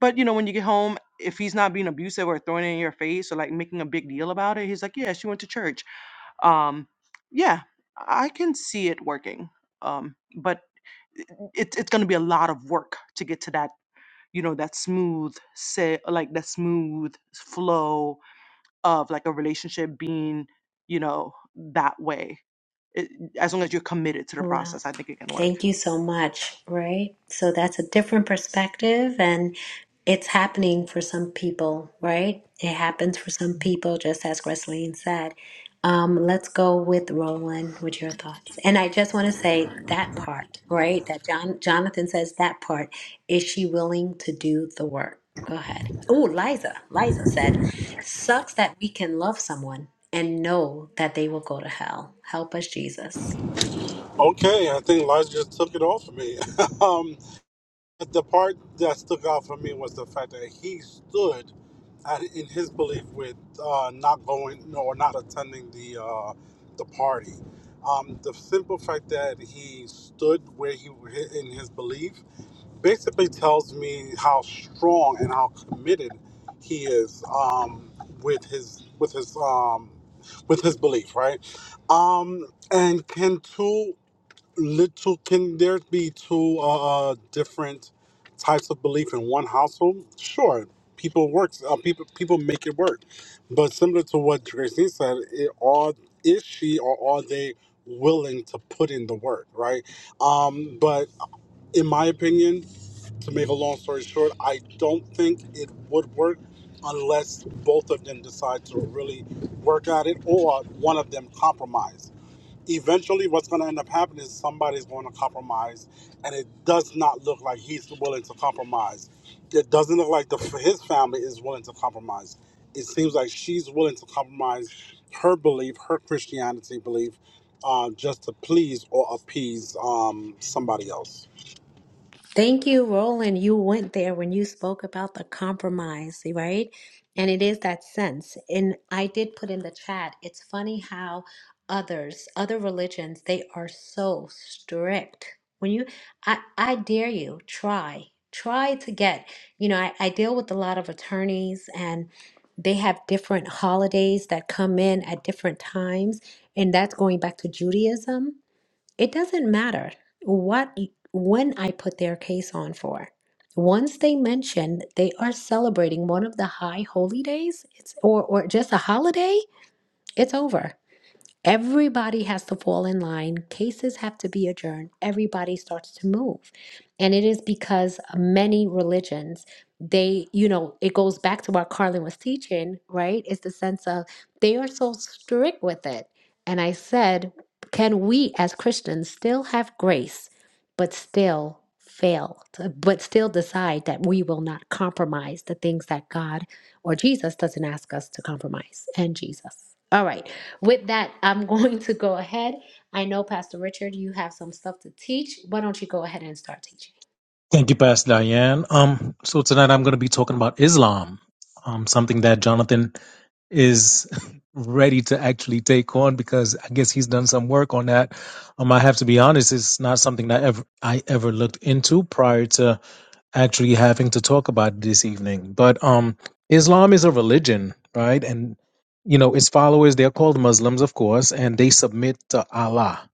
But, you know, when you get home, if he's not being abusive or throwing it in your face or like making a big deal about it, he's like, yeah, she went to church. Um, yeah, I can see it working. Um, but it, it's going to be a lot of work to get to that, you know, that smooth, say, like that smooth flow of like a relationship being, you know, that way. It, as long as you're committed to the
Wow.
process, I think it can work.
Thank you so much, right? So that's a different perspective and it's happening for some people, right? It happens for some people, just as Gresleen said. Um, let's go with Roland with your thoughts. And I just want to say that part, right? That John Jonathan says that part. Is she willing to do the work? Go ahead. Oh, Liza. Liza said, sucks that we can love someone and know that they will go to hell. Help us, Jesus.
Okay, I think Elijah just took it off of me. um, the part that stuck out for me was the fact that he stood at, in his belief with uh, not going no, or not attending the uh, the party. Um, the simple fact that he stood where he in his belief basically tells me how strong and how committed he is um, with his with his um, with his belief, right? Um, and can two little can there be two uh, uh, different types of belief in one household? Sure, people works uh, people people make it work, but similar to what Christine said, it all is she or are they willing to put in the work, right? Um, but in my opinion, to make a long story short, I don't think it would work unless both of them decide to really work at it or one of them compromise eventually what's going to end up happening is somebody's going to compromise and it does not look like he's willing to compromise it doesn't look like the his family is willing to compromise it seems like she's willing to compromise her belief her christianity belief uh, just to please or appease um, somebody else
Thank you, Roland. You went there when you spoke about the compromise, right? And it is that sense. And I did put in the chat, it's funny how others, other religions, they are so strict. When you, I, I dare you, try, try to get, you know, I, I deal with a lot of attorneys and they have different holidays that come in at different times. And that's going back to Judaism it doesn't matter what when I put their case on for. Once they mention they are celebrating one of the high holy days, it's or or just a holiday, it's over. Everybody has to fall in line. Cases have to be adjourned. Everybody starts to move. And it is because many religions, they, you know, it goes back to what Carlin was teaching, right? It's the sense of they are so strict with it. And I said, can we as Christians still have grace, but still fail, to- but still decide that we will not compromise the things that God or Jesus doesn't ask us to compromise and Jesus? All right. With that, I'm going to go ahead. I know Pastor Richard, you have some stuff to teach. Why don't you go ahead and start teaching?
Thank you, Pastor Diane. Um, so tonight I'm going to be talking about Islam, um, something that Jonathan is ready to actually take on because I guess he's done some work on that. Um, I have to be honest, it's not something that ever I ever looked into prior to actually having to talk about it this evening. But um, Islam is a religion, right? And you know, its followers they're called Muslims, of course, and they submit to Allah,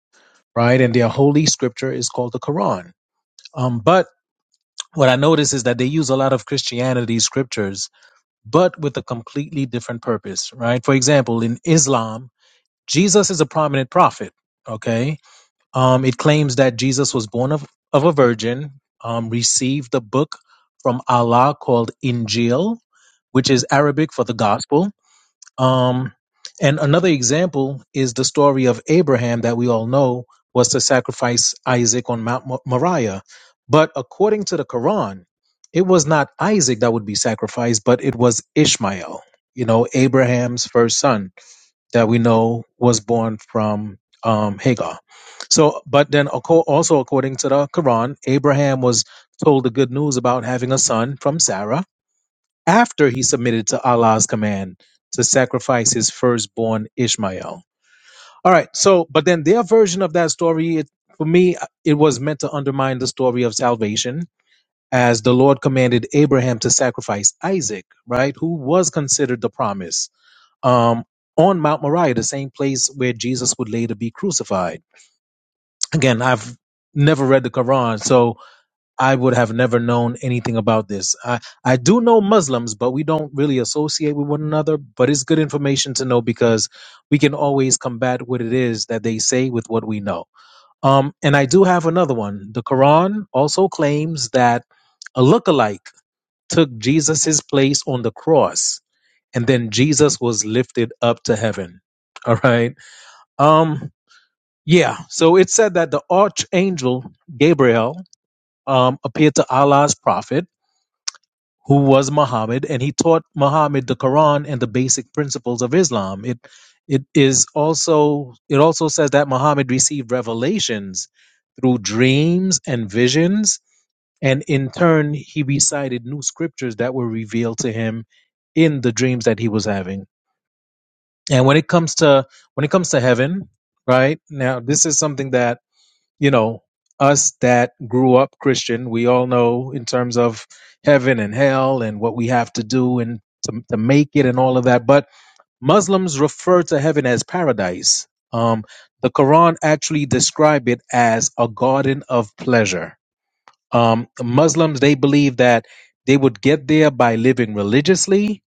right? And their holy scripture is called the Quran. Um, but what I notice is that they use a lot of Christianity scriptures, but with a completely different purpose, right? For example, in Islam, Jesus is a prominent prophet, okay? Um, it claims that Jesus was born of, of a virgin, um, received a book from Allah called Injil, which is Arabic for the gospel um, and another example is the story of Abraham that we all know was to sacrifice Isaac on Mount Mo- Moriah. But according to the Quran, it was not Isaac that would be sacrificed, but it was Ishmael, you know, Abraham's first son that we know was born from um, Hagar. So, but then aco- also according to the Quran, Abraham was told the good news about having a son from Sarah after he submitted to Allah's command to sacrifice his firstborn Ishmael. All right, so but then their version of that story, it, for me, it was meant to undermine the story of salvation, as the Lord commanded Abraham to sacrifice Isaac, right, who was considered the promise, um, on Mount Moriah, the same place where Jesus would later be crucified. Again, I've never read the Quran, so I would have never known anything about this. I, I do know Muslims, but we don't really associate with one another. But it's good information to know because we can always combat what it is that they say with what we know. Um, and I do have another one. The Quran also claims that a lookalike took Jesus's place on the cross, and then Jesus was lifted up to heaven. All right. Um, yeah. So it said that the archangel Gabriel um, appeared to Allah's prophet who was Muhammad, and he taught Muhammad the Quran and the basic principles of Islam. It it is also it also says that Muhammad received revelations through dreams and visions, and in turn he recited new scriptures that were revealed to him in the dreams that he was having. And when it comes to when it comes to heaven, right now, this is something that you know, us that grew up Christian, we all know in terms of heaven and hell and what we have to do and to, to make it and all of that. But Muslims refer to heaven as paradise. Um, the Quran actually describe it as a garden of pleasure. Um, Muslims, they believe that they would get there by living religiously,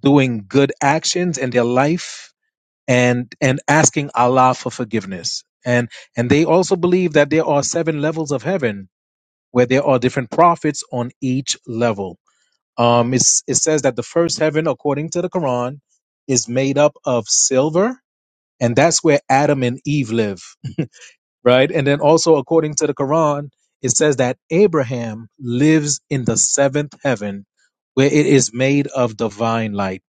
doing good actions in their life, and and asking Allah for forgiveness. And and they also believe that there are seven levels of heaven where there are different prophets on each level. Um, it's, it says that the first heaven, according to the Quran, is made up of silver, and that's where Adam and Eve live, right? And then also according to the Quran, it says that Abraham lives in the seventh heaven, where it is made of divine light.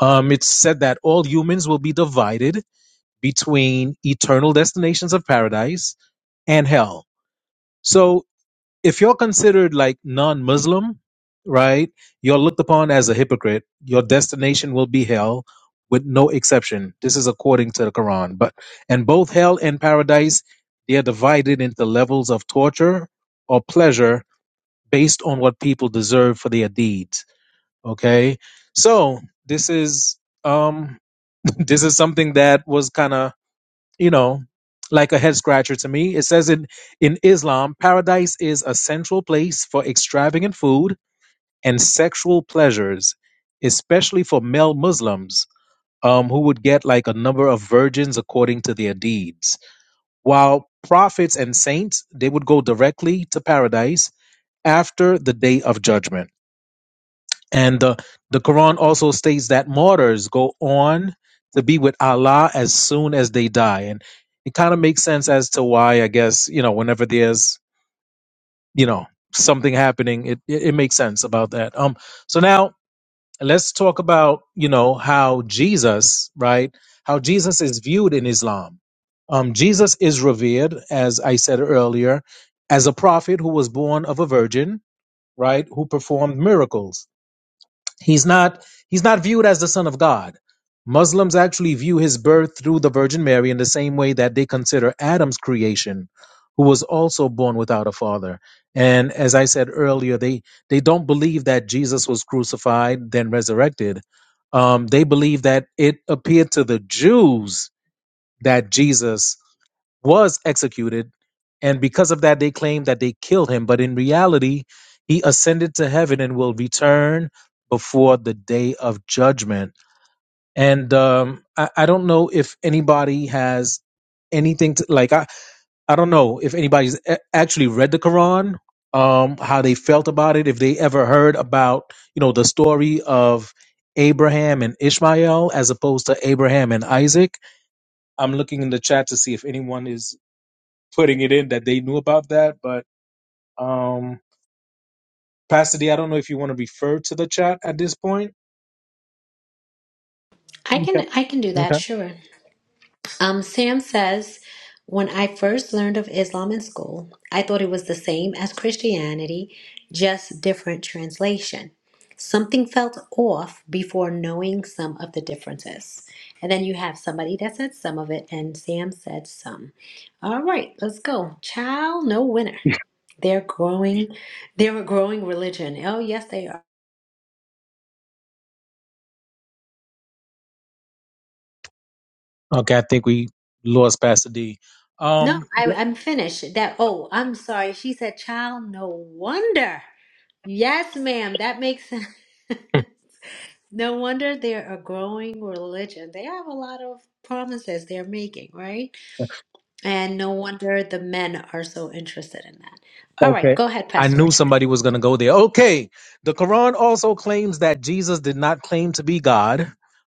Um, it's said that all humans will be divided between eternal destinations of paradise and hell. So if you're considered like non-Muslim, right, you're looked upon as a hypocrite. Your destination will be hell with no exception. This is according to the Quran. But and both hell and paradise, they are divided into levels of torture or pleasure based on what people deserve for their deeds. Okay? So this is um this is something that was kind of you know, like a head scratcher to me. It says in, in Islam, paradise is a central place for extravagant food and sexual pleasures, especially for male Muslims um, who would get like a number of virgins according to their deeds. While prophets and saints, they would go directly to paradise after the day of judgment. And the, the Quran also states that martyrs go on to be with Allah as soon as they die. And it kind of makes sense as to why, I guess, you know, whenever there's, you know, something happening, it, it, it makes sense about that. Um, so now let's talk about, you know, how Jesus, right, how Jesus is viewed in Islam. Um, Jesus is revered, as I said earlier, as a prophet who was born of a virgin, right, who performed miracles He's not he's not viewed as the son of God. Muslims actually view his birth through the Virgin Mary in the same way that they consider Adam's creation, who was also born without a father. And as I said earlier, they they don't believe that Jesus was crucified then resurrected. Um, they believe that it appeared to the Jews that Jesus was executed. And because of that, they claim that they killed him. But in reality, he ascended to heaven and will return before the day of judgment. And um, I, I don't know if anybody has anything to like, I, I don't know if anybody's a- actually read the Quran, um, how they felt about it, if they ever heard about, you know, the story of Abraham and Ishmael as opposed to Abraham and Isaac I'm looking in the chat to see if anyone is putting it in that they knew about that. But um Pastor D, I don't know if you want to refer to the chat at this point.
I
Okay.
can I can do that,
Okay.
sure. Um, Sam says, when I first learned of Islam in school, I thought it was the same as Christianity, just different translation. Something felt off before knowing some of the differences. And then you have somebody that said some of it, and Sam said some. All right, let's go. Child, no winner. They're growing. They're a growing religion. Oh, yes, they are.
Okay. I think we lost Pastor D.
No,
Um,
I,
Yep.
I'm finished. That. Oh, I'm sorry. She said, "Child, no wonder." Yes, ma'am. That makes sense. No wonder they're a growing religion. They have a lot of promises they're making, right? And no wonder the men are so interested in that. All right,
Okay.
go ahead,
I
Pastor
knew
Richard.
somebody was going to go there. Okay. The Quran also claims that Jesus did not claim to be God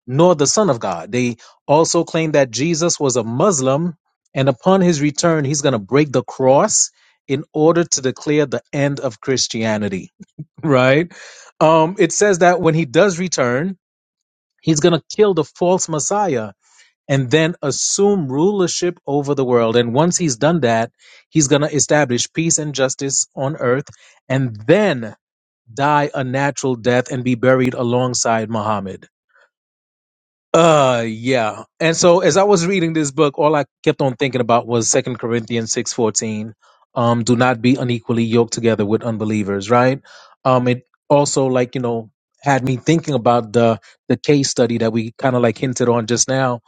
nor the Son of God. They also claim that Jesus was a Muslim and upon his return, he's going to break the cross in order to declare the end of Christianity, right? Um, it says that when he does return, he's going to kill the false Messiah and then assume rulership over the world. And once he's done that, he's going to establish peace and justice on earth and then die a natural death and be buried alongside Muhammad. Uh yeah. And so as I was reading this book, all I kept on thinking about was Second Corinthians six fourteen. Um, do not be unequally yoked together with unbelievers, right? Um, it also like, you know, had me thinking about the the case study that we kind of like hinted on just now.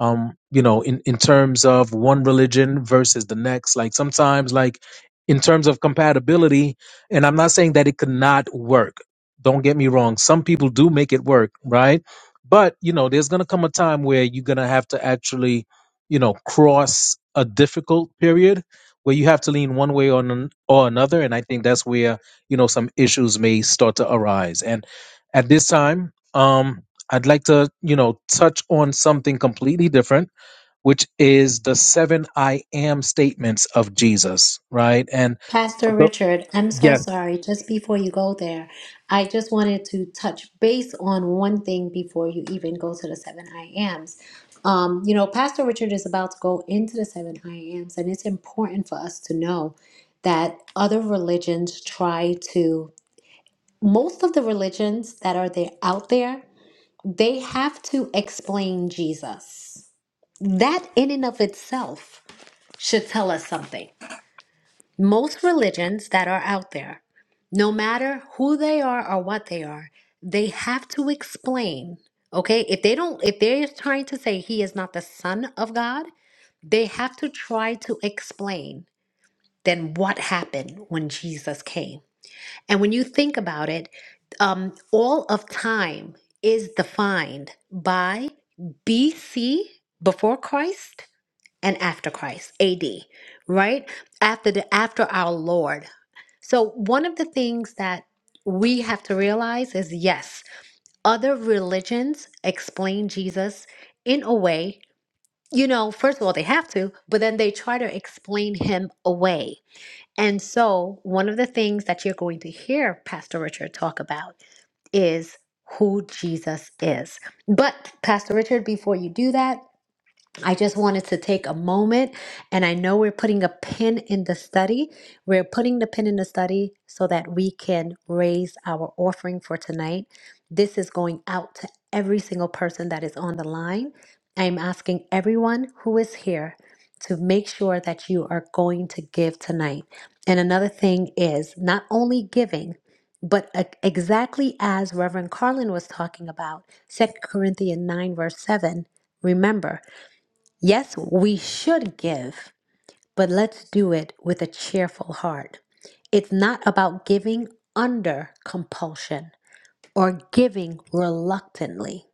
Um, you know, in, in terms of one religion versus the next. Like sometimes like in terms of compatibility, and I'm not saying that it could not work. Don't get me wrong. Some people do make it work, right? But, you know, there's going to come a time where you're going to have to actually, you know, cross a difficult period where you have to lean one way or, an, or another. And I think that's where, you know, some issues may start to arise. And at this time, um, I'd like to, you know, touch on something completely different, which is the seven I am statements of Jesus, right? And for
Pastor
tho-
Richard, I'm so
yeah,
sorry. Just before you go there, I just wanted to touch base on one thing before you even go to the seven I ams. Um, you know, Pastor Richard is about to go into the seven I ams, and it's important for us to know that other religions try to, most of the religions that are there out there, they have to explain Jesus. That in and of itself should tell us something most religions that are out there, no matter who they are or what they are, they have to explain. Okay, if they don't, if they're trying to say he is not the son of God, they have to try to explain then what happened when Jesus came. And when you think about it, um, all of time is defined by BC, before Christ, and after Christ, AD, right? After the after our Lord. So one of the things that we have to realize is yes, other religions explain Jesus in a way, you know, first of all they have to, but then they try to explain him away. And so one of the things that you're going to hear Pastor Richard talk about is who Jesus is. But Pastor Richard, before you do that, I just wanted to take a moment, and I know we're putting a pin in the study. We're putting the pin in the study so that we can raise our offering for tonight. This is going out to every single person that is on the line. I'm asking everyone who is here to make sure that you are going to give tonight. And another thing is not only giving, but e- exactly as Reverend Carlin was talking about, Second Corinthians 9, verse 7, remember. Yes, we should give, but let's do it with a cheerful heart. It's not about giving under compulsion or giving reluctantly.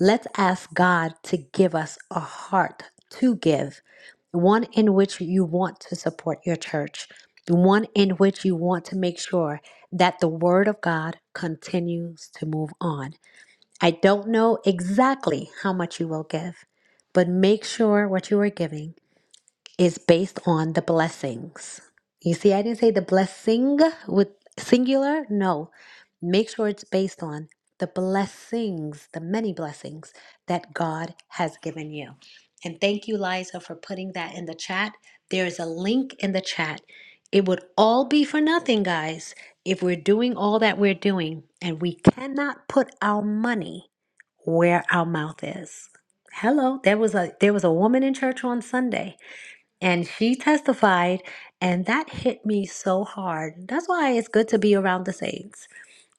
Let's ask God to give us a heart to give, one in which you want to support your church, one in which you want to make sure that the Word of God continues to move on. I don't know exactly how much you will give, but make sure what you are giving is based on the blessings. You see, I didn't say the blessing with singular. No, make sure it's based on the blessings, the many blessings that God has given you. And thank you, Liza, for putting that in the chat. There is a link in the chat. It would all be for nothing, guys, if we're doing all that we're doing and we cannot put our money where our mouth is. Hello, there was a there was a woman in church on Sunday and she testified, and that hit me so hard. That's why it's good to be around the saints.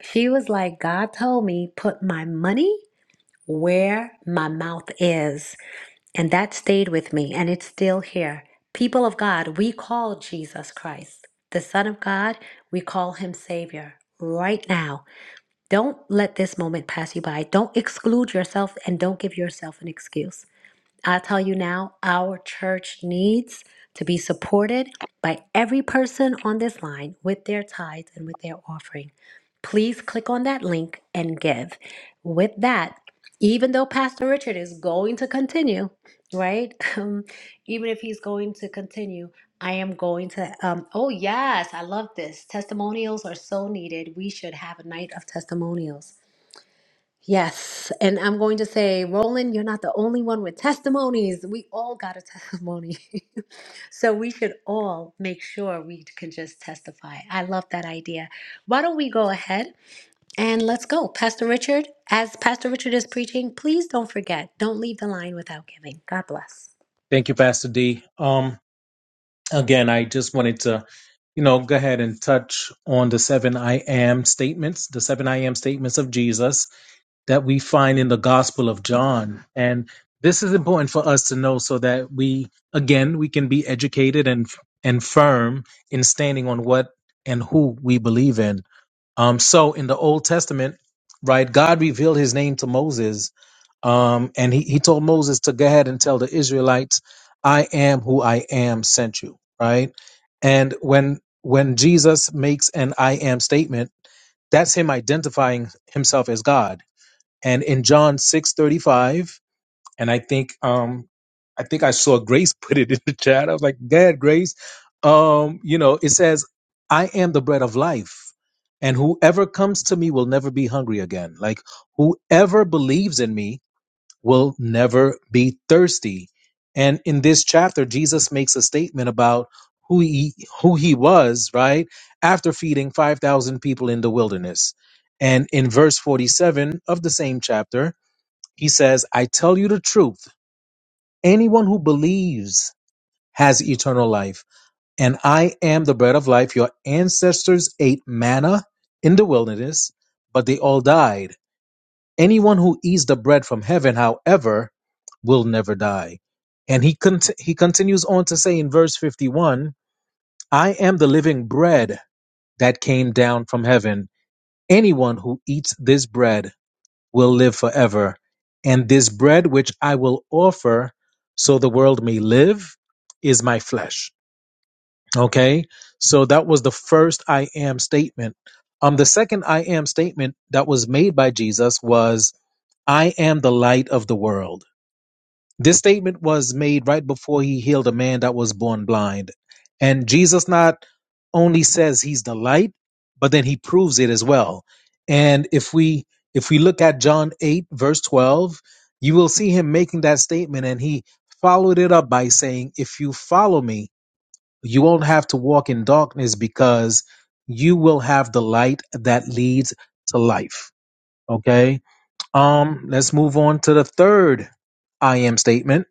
She was like, God told me, put my money where my mouth is. And that stayed with me, and it's still here. People of God, we call Jesus Christ, the Son of God, we call him Savior right now. Don't let this moment pass you by. Don't exclude yourself and don't give yourself an excuse. I tell you now, our church needs to be supported by every person on this line with their tithes and with their offering. Please click on that link and give. With that, even though Pastor Richard is going to continue, right? Um, even if he's going to continue, I am going to. Um, oh, yes, I love this. Testimonials are so needed. We should have a night of testimonials Yes. And I'm going to say, Roland, you're not the only one with testimonies. We all got a testimony. so we should all make sure we can just testify. I love that idea. Why don't we go ahead and let's go? Pastor Richard, as Pastor Richard is preaching, please don't forget, don't leave the line without giving. God bless.
thank you, Pastor D. Um, Again, I just wanted to, you know, go ahead and touch on the seven I am statements, the seven I am statements of Jesus that we find in the Gospel of John. And this is important for us to know so that we, again, we can be educated and and firm in standing on what and who we believe in. Um, so in the Old Testament, right, God revealed his name to Moses um, and he, he told Moses to go ahead and tell the Israelites, I am who I am sent you, right? And when when Jesus makes an I am statement, that's him identifying himself as God. And in John 6 35, and I think um I think I saw Grace put it in the chat. I was like, Dad, Grace, um, you know, it says, I am the bread of life, and whoever comes to me will never be hungry again. Like whoever believes in me will never be thirsty. And in this chapter, Jesus makes a statement about who he who he was, right? After feeding 5,000 people in the wilderness. And in verse 47 of the same chapter, he says, "I tell you the truth, anyone who believes has eternal life, and I am the bread of life. Your ancestors ate manna in the wilderness, but they all died. Anyone who eats the bread from heaven, however, will never die. And he cont- he continues on to say in verse 51, I am the living bread that came down from heaven. Anyone who eats this bread will live forever. And this bread which I will offer so the world may live is my flesh. Okay? So that was the first I am statement. Um the second I am statement that was made by Jesus was I am the light of the world. This statement was made right before he healed a man that was born blind. And Jesus not only says he's the light, but then he proves it as well. And if we if we look at John 8 verse 12, you will see him making that statement and he followed it up by saying, "If you follow me, you won't have to walk in darkness because you will have the light that leads to life." Okay? Um, let's move on to the third I am statement.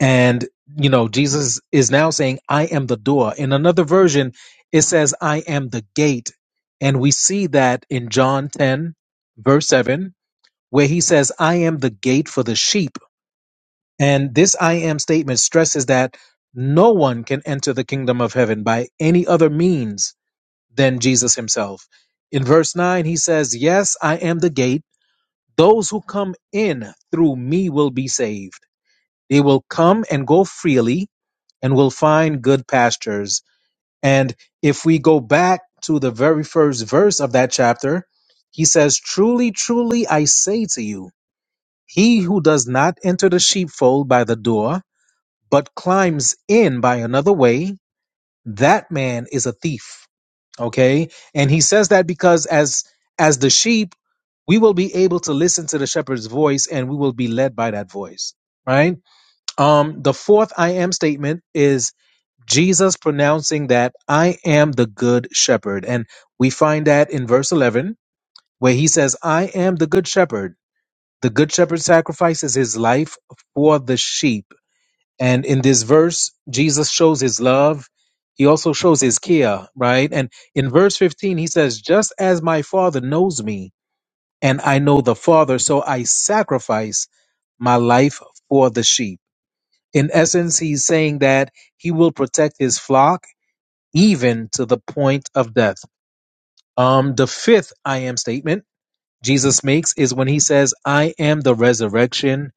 And, you know, Jesus is now saying, I am the door. In another version, it says, I am the gate. And we see that in John 10, verse 7, where he says, I am the gate for the sheep. And this I am statement stresses that no one can enter the kingdom of heaven by any other means than Jesus himself. In verse 9, he says, Yes, I am the gate. Those who come in through me will be saved. They will come and go freely and will find good pastures. And if we go back to the very first verse of that chapter, he says, Truly, truly, I say to you, he who does not enter the sheepfold by the door, but climbs in by another way, that man is a thief. Okay. And he says that because as as the sheep, we will be able to listen to the shepherd's voice and we will be led by that voice right um the fourth i am statement is jesus pronouncing that i am the good shepherd and we find that in verse 11 where he says i am the good shepherd the good shepherd sacrifices his life for the sheep and in this verse jesus shows his love he also shows his care right and in verse 15 he says just as my father knows me and I know the Father, so I sacrifice my life for the sheep. In essence, he's saying that he will protect his flock even to the point of death. Um, the fifth I am statement Jesus makes is when he says, I am the resurrection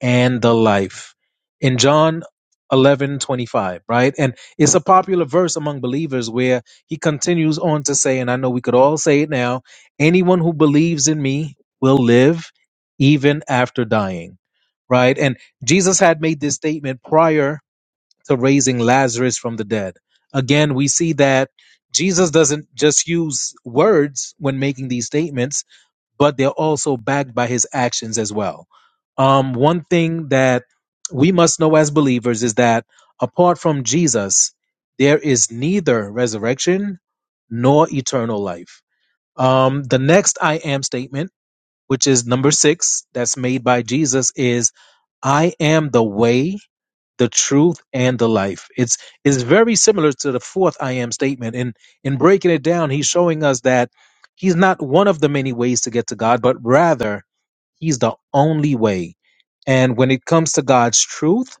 and the life in john eleven twenty five, right and it's a popular verse among believers where he continues on to say and i know we could all say it now anyone who believes in me will live even after dying right and jesus had made this statement prior to raising lazarus from the dead again we see that jesus doesn't just use words when making these statements but they're also backed by his actions as well. Um, one thing that we must know as believers is that apart from Jesus, there is neither resurrection nor eternal life. Um, the next I am statement, which is number six, that's made by Jesus, is I am the way, the truth and the life. It's it's very similar to the fourth I am statement. In in breaking it down, he's showing us that he's not one of the many ways to get to God, but rather he's the only way. And when it comes to God's truth,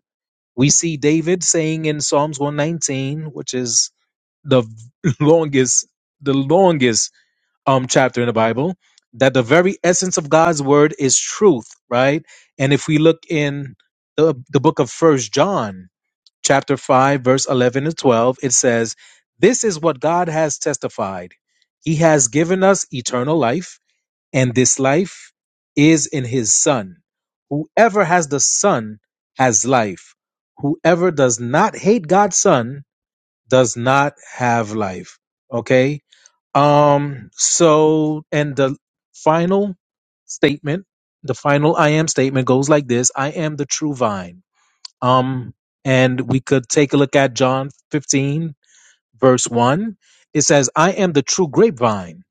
we see David saying in Psalms 119, which is the longest the longest um chapter in the Bible, that the very essence of God's word is truth, right? And if we look in the, the book of First John, chapter 5, verse 11 to 12, it says, This is what God has testified. He has given us eternal life, and this life is in his Son. Whoever has the Son has life. Whoever does not hate God's Son does not have life. Okay? Um, so, and the final statement, the final I am statement goes like this I am the true vine. Um, and we could take a look at John 15, verse 1. It says, I am the true grapevine,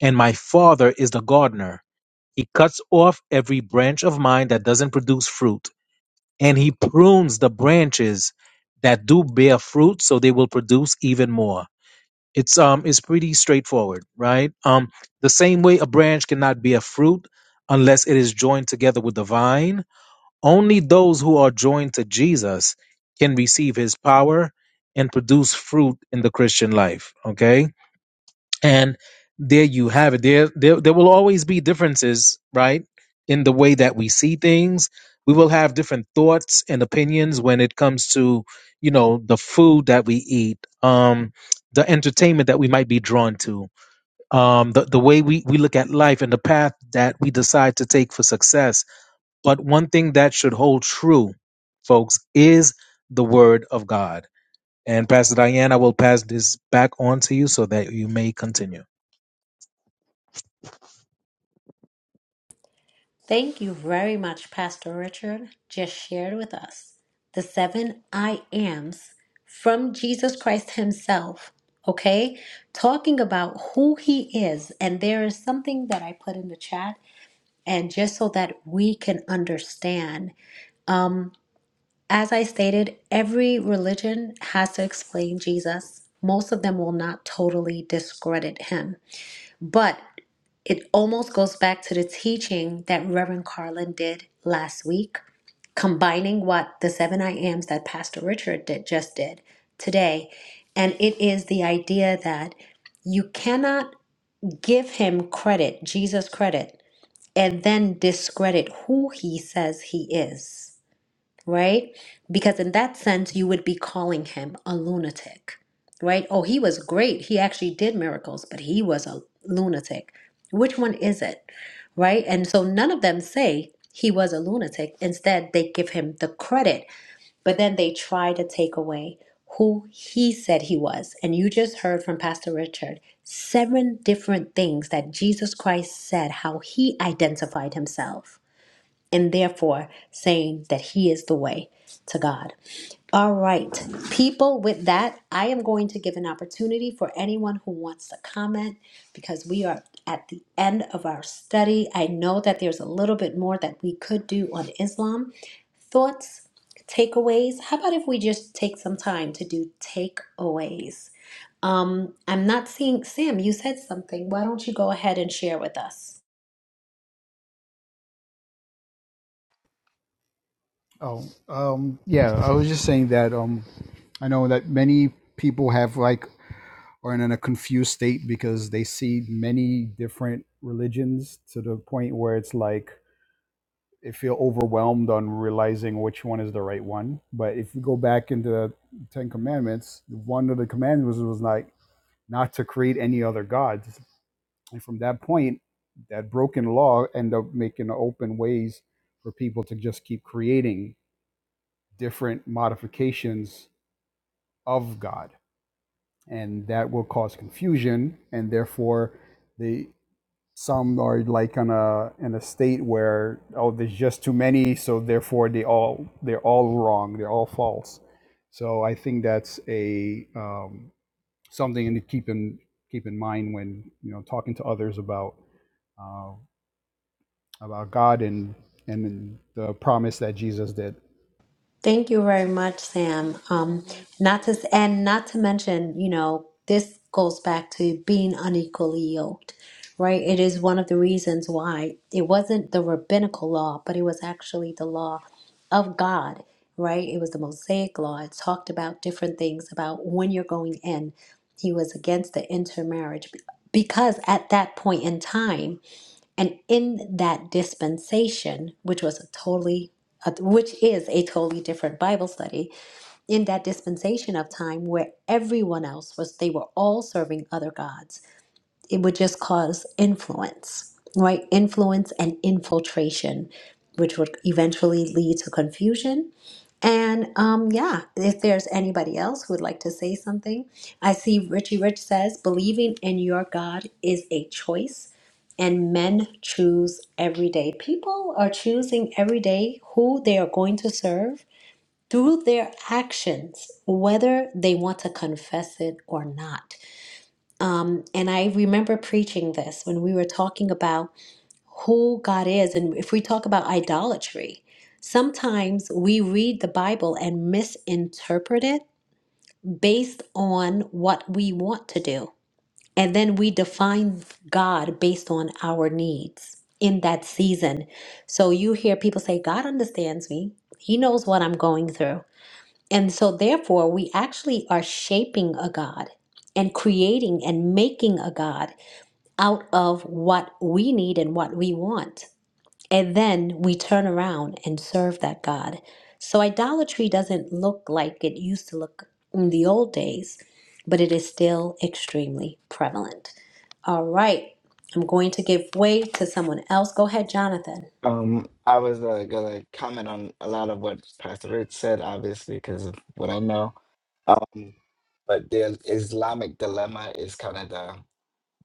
and my father is the gardener. He cuts off every branch of mine that doesn't produce fruit, and he prunes the branches that do bear fruit so they will produce even more. It's um it's pretty straightforward, right? Um the same way a branch cannot bear fruit unless it is joined together with the vine, only those who are joined to Jesus can receive his power and produce fruit in the Christian life. Okay? And there you have it. There, there, there will always be differences, right? In the way that we see things. We will have different thoughts and opinions when it comes to, you know, the food that we eat, um, the entertainment that we might be drawn to, um, the, the way we, we look at life and the path that we decide to take for success but one thing that should hold true, folks, is the word of God. And Pastor Diane, I will pass this back on to you so that you may continue.
Thank you very much, Pastor Richard. Just shared with us the seven I ams from Jesus Christ Himself. Okay, talking about who He is, and there is something that I put in the chat, and just so that we can understand. Um, as I stated, every religion has to explain Jesus. Most of them will not totally discredit Him, but it almost goes back to the teaching that Reverend Carlin did last week, combining what the seven I ams that Pastor Richard did just did today. And it is the idea that you cannot give him credit, Jesus credit, and then discredit who he says he is right? Because in that sense, you would be calling him a lunatic, right? Oh, he was great. He actually did miracles, but he was a lunatic. Which one is it, right? And so none of them say he was a lunatic. Instead, they give him the credit, but then they try to take away who he said he was. And you just heard from Pastor Richard seven different things that Jesus Christ said how he identified himself and therefore saying that He is the way to God. All right, people, with that, I am going to give an opportunity for anyone who wants to comment because we are at the end of our study. I know that there's a little bit more that we could do on Islam. Thoughts, takeaways? How about if we just take some time to do takeaways? Um, I'm not seeing Sam, you said something. Why don't you go ahead and share with us?
you. Oh, um, yeah. I was just saying that. Um, I know that many people have like are in a confused state because they see many different religions to the point where it's like they feel overwhelmed on realizing which one is the right one. But if you go back into the Ten Commandments, one of the commandments was like not to create any other gods. And from that point, that broken law end up making open ways for people to just keep creating different modifications of God and that will cause confusion and therefore the some are like on a in a state where oh there's just too many so therefore they all they're all wrong they're all false so i think that's a um, something to keep in keep in mind when you know talking to others about uh, about god and and the promise that jesus did
Thank you very much, Sam. Um, not to s- and not to mention, you know, this goes back to being unequally yoked, right? It is one of the reasons why it wasn't the rabbinical law, but it was actually the law of God, right? It was the Mosaic law. It talked about different things about when you're going in. He was against the intermarriage because at that point in time and in that dispensation, which was a totally, uh, which is a totally different Bible study, in that dispensation of time where everyone else was, they were all serving other gods it would just cause influence, right? Influence and infiltration, which would eventually lead to confusion. And um, yeah, if there's anybody else who would like to say something, I see Richie Rich says, believing in your God is a choice, and men choose every day. People are choosing every day who they are going to serve through their actions, whether they want to confess it or not um, and I remember preaching this when we were talking about who God is. And if we talk about idolatry, sometimes we read the Bible and misinterpret it based on what we want to do. And then we define God based on our needs in that season. So you hear people say, God understands me, He knows what I'm going through. And so, therefore, we actually are shaping a God and creating and making a God out of what we need and what we want. And then we turn around and serve that God. So idolatry doesn't look like it used to look in the old days, but it is still extremely prevalent. All right, I'm going to give way to someone else. Go ahead, Jonathan.
Um, I was uh, gonna comment on a lot of what Pastor Rich said, obviously, because of what I know. Um, but the Islamic dilemma is kind of the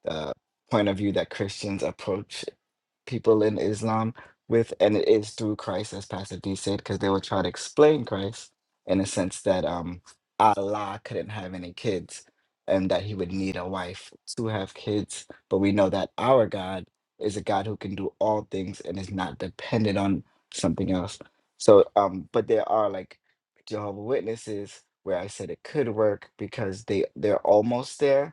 the point of view that Christians approach people in Islam with, and it is through Christ, as Pastor D said, because they will try to explain Christ in a sense that um, Allah couldn't have any kids and that he would need a wife to have kids. But we know that our God is a God who can do all things and is not dependent on something else. So, um, but there are like Jehovah Witnesses where I said it could work because they they're almost there,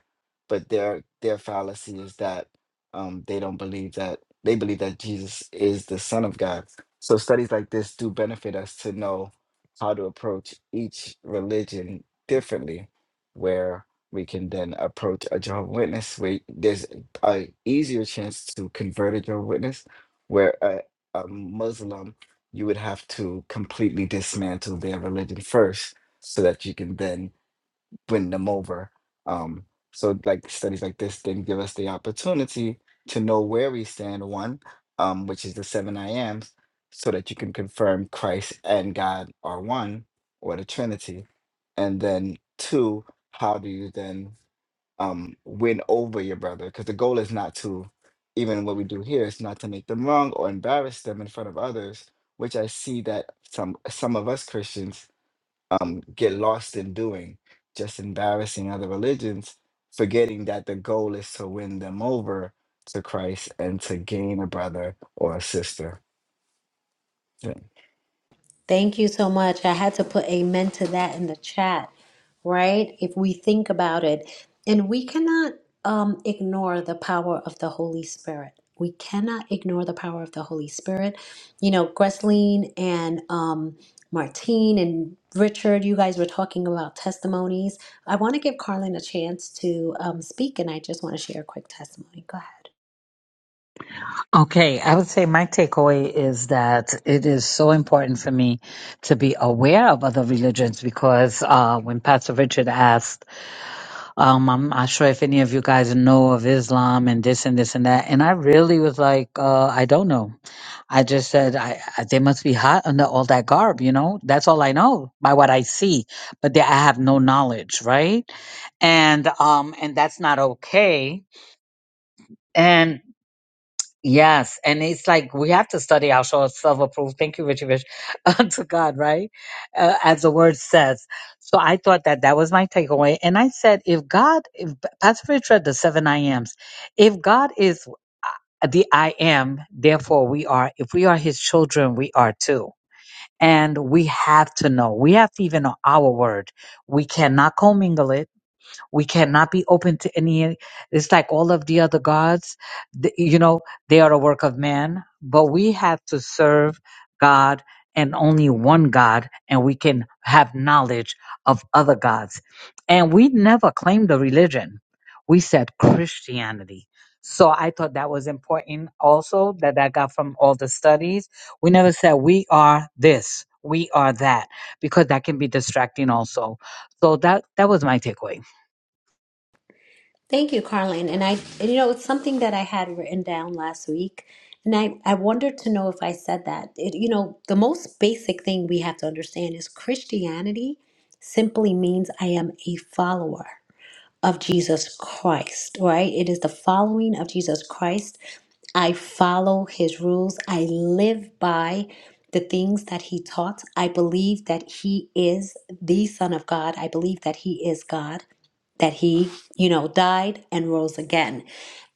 but their their fallacy is that um, they don't believe that they believe that Jesus is the Son of God. So studies like this do benefit us to know how to approach each religion differently, where we can then approach a Jehovah Witness. Where there's a easier chance to convert a Jehovah Witness, where a, a Muslim you would have to completely dismantle their religion first, so that you can then win them over. Um, so like studies like this then give us the opportunity to know where we stand, one, um, which is the seven I ams, so that you can confirm Christ and God are one or the Trinity. And then two, how do you then um win over your brother? Because the goal is not to even what we do here is not to make them wrong or embarrass them in front of others, which I see that some some of us Christians um, get lost in doing, just embarrassing other religions, forgetting that the goal is to win them over to Christ and to gain a brother or a sister. Yeah.
Thank you so much. I had to put amen to that in the chat, right? If we think about it, and we cannot um, ignore the power of the Holy Spirit. We cannot ignore the power of the Holy Spirit. You know, Gresleen and um, Martine and Richard, you guys were talking about testimonies. I want to give Carlin a chance to um, speak, and I just want to share a quick testimony. Go ahead.
Okay, I would say my takeaway is that it is so important for me to be aware of other religions because uh, when Pastor Richard asked Um, I'm not sure if any of you guys know of Islam and this and this and that. And I really was like, uh, I don't know. I just said, I, I they must be hot under all that garb, you know. That's all I know by what I see, but they, I have no knowledge, right? And um, and that's not okay. And Yes, and it's like we have to study our show of self-approved. Thank you, Richie Rich, unto God, right? Uh, as the word says. So I thought that that was my takeaway, and I said, if God, if Pastor Rich read the seven I am's, if God is uh, the I am, therefore we are. If we are His children, we are too. And we have to know. We have to even know our word. We cannot commingle it we cannot be open to any. It's like all of the other gods, th- you know, they are a work of man, but we have to serve God and only one God, and we can have knowledge of other gods. And we never claimed a religion, we said Christianity. So I thought that was important also that I got from all the studies. We never said we are this, we are that, because that can be distracting also. So that that was my takeaway.
Thank you, Carlin. And I, and you know, it's something that I had written down last week. And I, I wondered to know if I said that. It, you know, the most basic thing we have to understand is Christianity simply means I am a follower of Jesus Christ, right? It is the following of Jesus Christ. I follow his rules. I live by the things that he taught. I believe that he is the Son of God. I believe that he is God that he, you know, died and rose again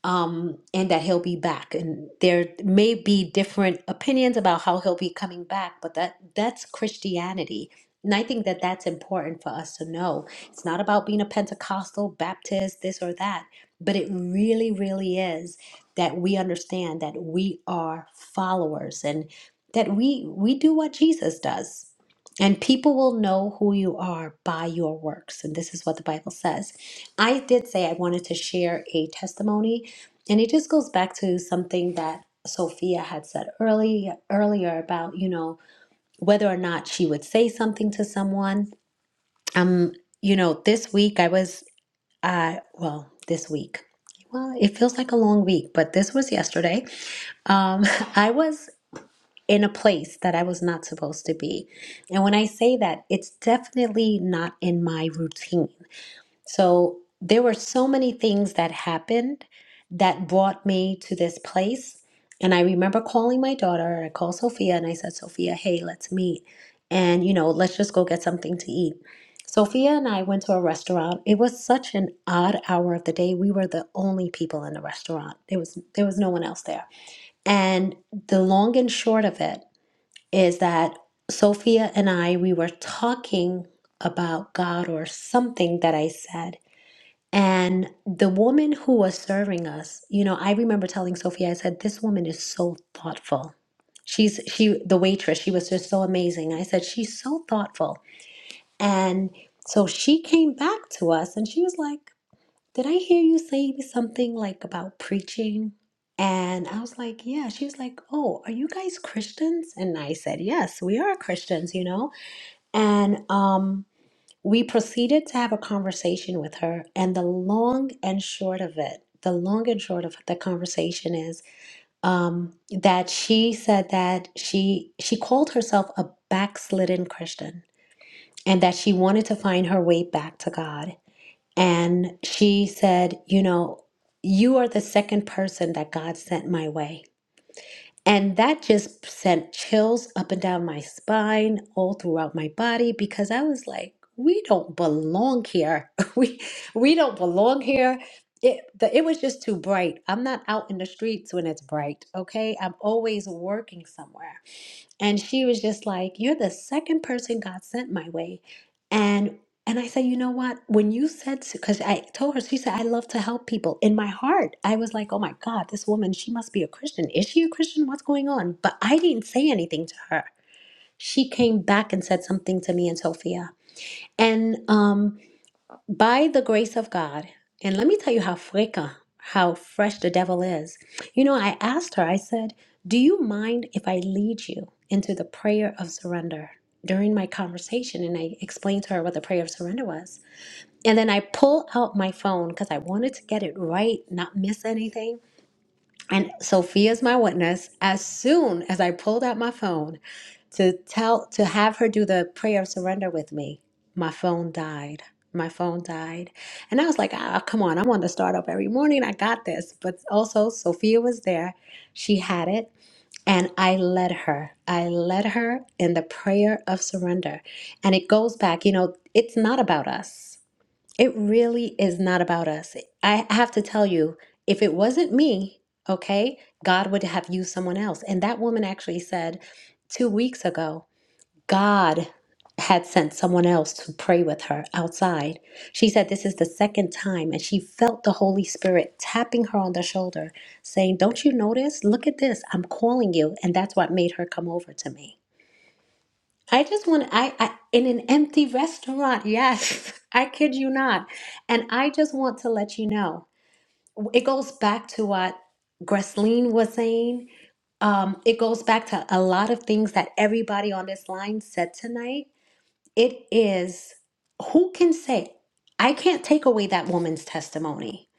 um, and that he'll be back. And there may be different opinions about how he'll be coming back, but that that's Christianity. And I think that that's important for us to know. It's not about being a Pentecostal, Baptist, this or that, but it really, really is that we understand that we are followers and that we we do what Jesus does. And people will know who you are by your works. And this is what the Bible says. I did say I wanted to share a testimony and it just goes back to something that Sophia had said early earlier about, you know, whether or not she would say something to someone. Um, you know, this week I was uh well, this week. Well, it feels like a long week, but this was yesterday. Um, I was in a place that I was not supposed to be. And when I say that, it's definitely not in my routine. So there were so many things that happened that brought me to this place. And I remember calling my daughter, I called Sophia and I said, Sophia, hey, let's meet. And, you know, let's just go get something to eat. Sophia and I went to a restaurant. It was such an odd hour of the day. We were the only people in the restaurant. There was there was no one else there. And the long and short of it is that Sophia and I we were talking about God or something that I said and the woman who was serving us, you know, I remember telling Sophia, I said, this woman is so thoughtful. She's she the waitress, she was just so amazing. I said, she's so thoughtful. And so she came back to us and she was like, Did I hear you say something like about preaching? And I was like, Yeah. She was like, Oh, are you guys Christians? And I said, Yes, we are Christians, you know? And um we proceeded to have a conversation with her, and the long and short of it, the long and short of the conversation is um, that she said that she she called herself a backslidden Christian, and that she wanted to find her way back to God. And she said, you know, you are the second person that God sent my way. And that just sent chills up and down my spine, all throughout my body, because I was like, we don't belong here. we we don't belong here. It, the, it was just too bright. I'm not out in the streets when it's bright, okay? I'm always working somewhere and she was just like you're the second person god sent my way and and i said you know what when you said because i told her she said i love to help people in my heart i was like oh my god this woman she must be a christian is she a christian what's going on but i didn't say anything to her she came back and said something to me and sophia and um by the grace of God, and let me tell you how freka, how fresh the devil is. You know, I asked her, I said, Do you mind if I lead you into the prayer of surrender during my conversation? And I explained to her what the prayer of surrender was. And then I pull out my phone because I wanted to get it right, not miss anything. And Sophia's my witness. As soon as I pulled out my phone, to tell to have her do the prayer of surrender with me my phone died my phone died and i was like ah come on i want to start up every morning i got this but also sophia was there she had it and i led her i led her in the prayer of surrender and it goes back you know it's not about us it really is not about us i have to tell you if it wasn't me okay god would have used someone else and that woman actually said two weeks ago God had sent someone else to pray with her outside. She said this is the second time, and she felt the Holy Spirit tapping her on the shoulder, saying, Don't you notice? Look at this. I'm calling you. And that's what made her come over to me. I just want I, I in an empty restaurant. Yes, I kid you not. And I just want to let you know. It goes back to what Gresleen was saying. Um, it goes back to a lot of things that everybody on this line said tonight it is who can say, I can't take away that woman's testimony.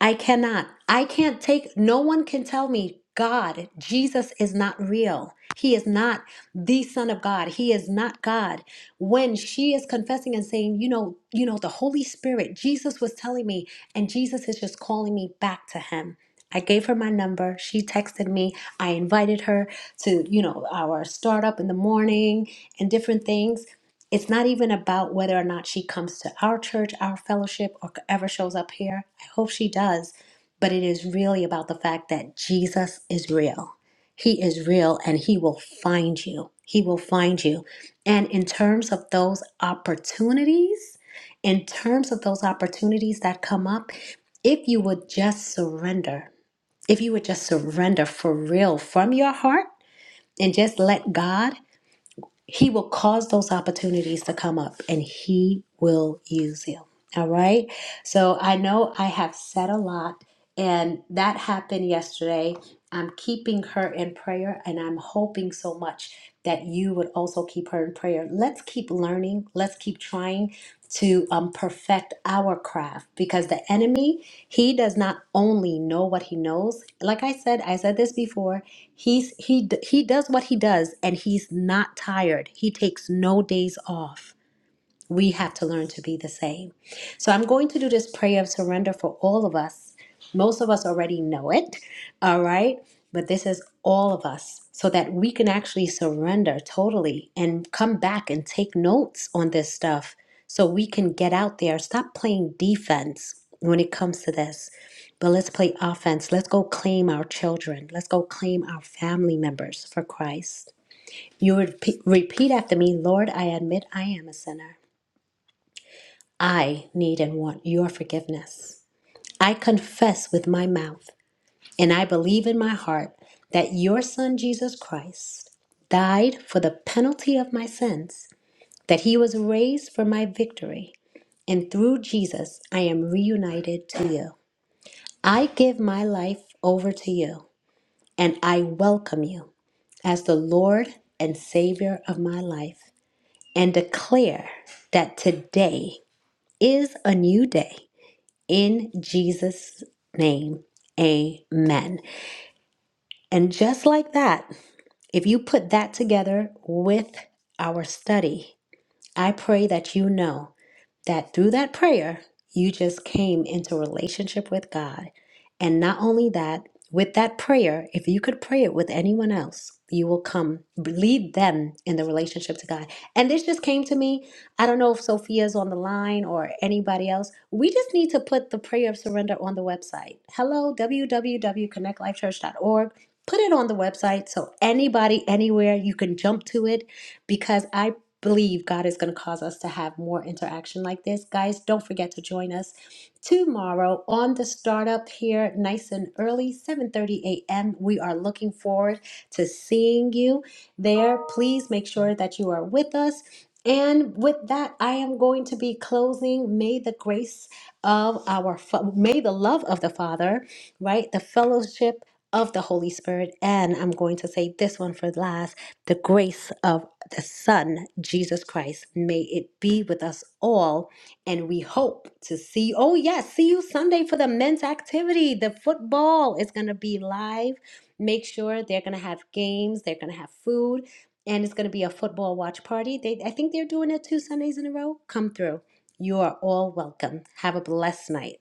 I cannot. I can't take, no one can tell me, God, Jesus is not real. He is not the Son of God. He is not God. When she is confessing and saying, you know, you know, the Holy Spirit, Jesus was telling me, and Jesus is just calling me back to him. I gave her my number. She texted me. I invited her to, you know, our startup in the morning and different things it's not even about whether or not she comes to our church, our fellowship, or ever shows up here. I hope she does. But it is really about the fact that Jesus is real. He is real and he will find you. He will find you. And in terms of those opportunities, in terms of those opportunities that come up, if you would just surrender, if you would just surrender for real from your heart and just let God he will cause those opportunities to come up and he will use you. All right. So I know I have said a lot, and that happened yesterday. I'm keeping her in prayer, and I'm hoping so much that you would also keep her in prayer. Let's keep learning. Let's keep trying to um, perfect our craft because the enemy, he does not only know what he knows. Like I said, I said this before. He's he d- he does what he does, and he's not tired. He takes no days off we have to learn to be the same. So I'm going to do this prayer of surrender for all of us. Most of us already know it, all right? But this is all of us so that we can actually surrender totally and come back and take notes on this stuff so we can get out there. Stop playing defense when it comes to this, but let's play offense. Let's go claim our children, let's go claim our family members for Christ. You would repeat after me Lord, I admit I am a sinner. I need and want your forgiveness. I confess with my mouth and I believe in my heart that your Son Jesus Christ died for the penalty of my sins, that he was raised for my victory, and through Jesus I am reunited to you. I give my life over to you and I welcome you as the Lord and Savior of my life and declare that today is a new day. In Jesus' name, amen. And just like that, if you put that together with our study, I pray that you know that through that prayer, you just came into relationship with God. And not only that, with that prayer, if you could pray it with anyone else, you will come lead them in the relationship to God. And this just came to me. I don't know if Sophia's on the line or anybody else. We just need to put the prayer of surrender on the website. Hello, www.connectlifechurch.org. Put it on the website so anybody, anywhere, you can jump to it because I believe God is going to cause us to have more interaction like this. Guys, don't forget to join us tomorrow on the startup here nice and early 7:30 a.m. We are looking forward to seeing you there. Please make sure that you are with us. And with that, I am going to be closing. May the grace of our fa- may the love of the Father, right? The fellowship of the Holy Spirit. And I'm going to say this one for last. The grace of the Son, Jesus Christ, may it be with us all. And we hope to see, oh, yes, see you Sunday for the men's activity. The football is going to be live. Make sure they're going to have games, they're going to have food, and it's going to be a football watch party. They, I think they're doing it two Sundays in a row. Come through. You are all welcome. Have a blessed night.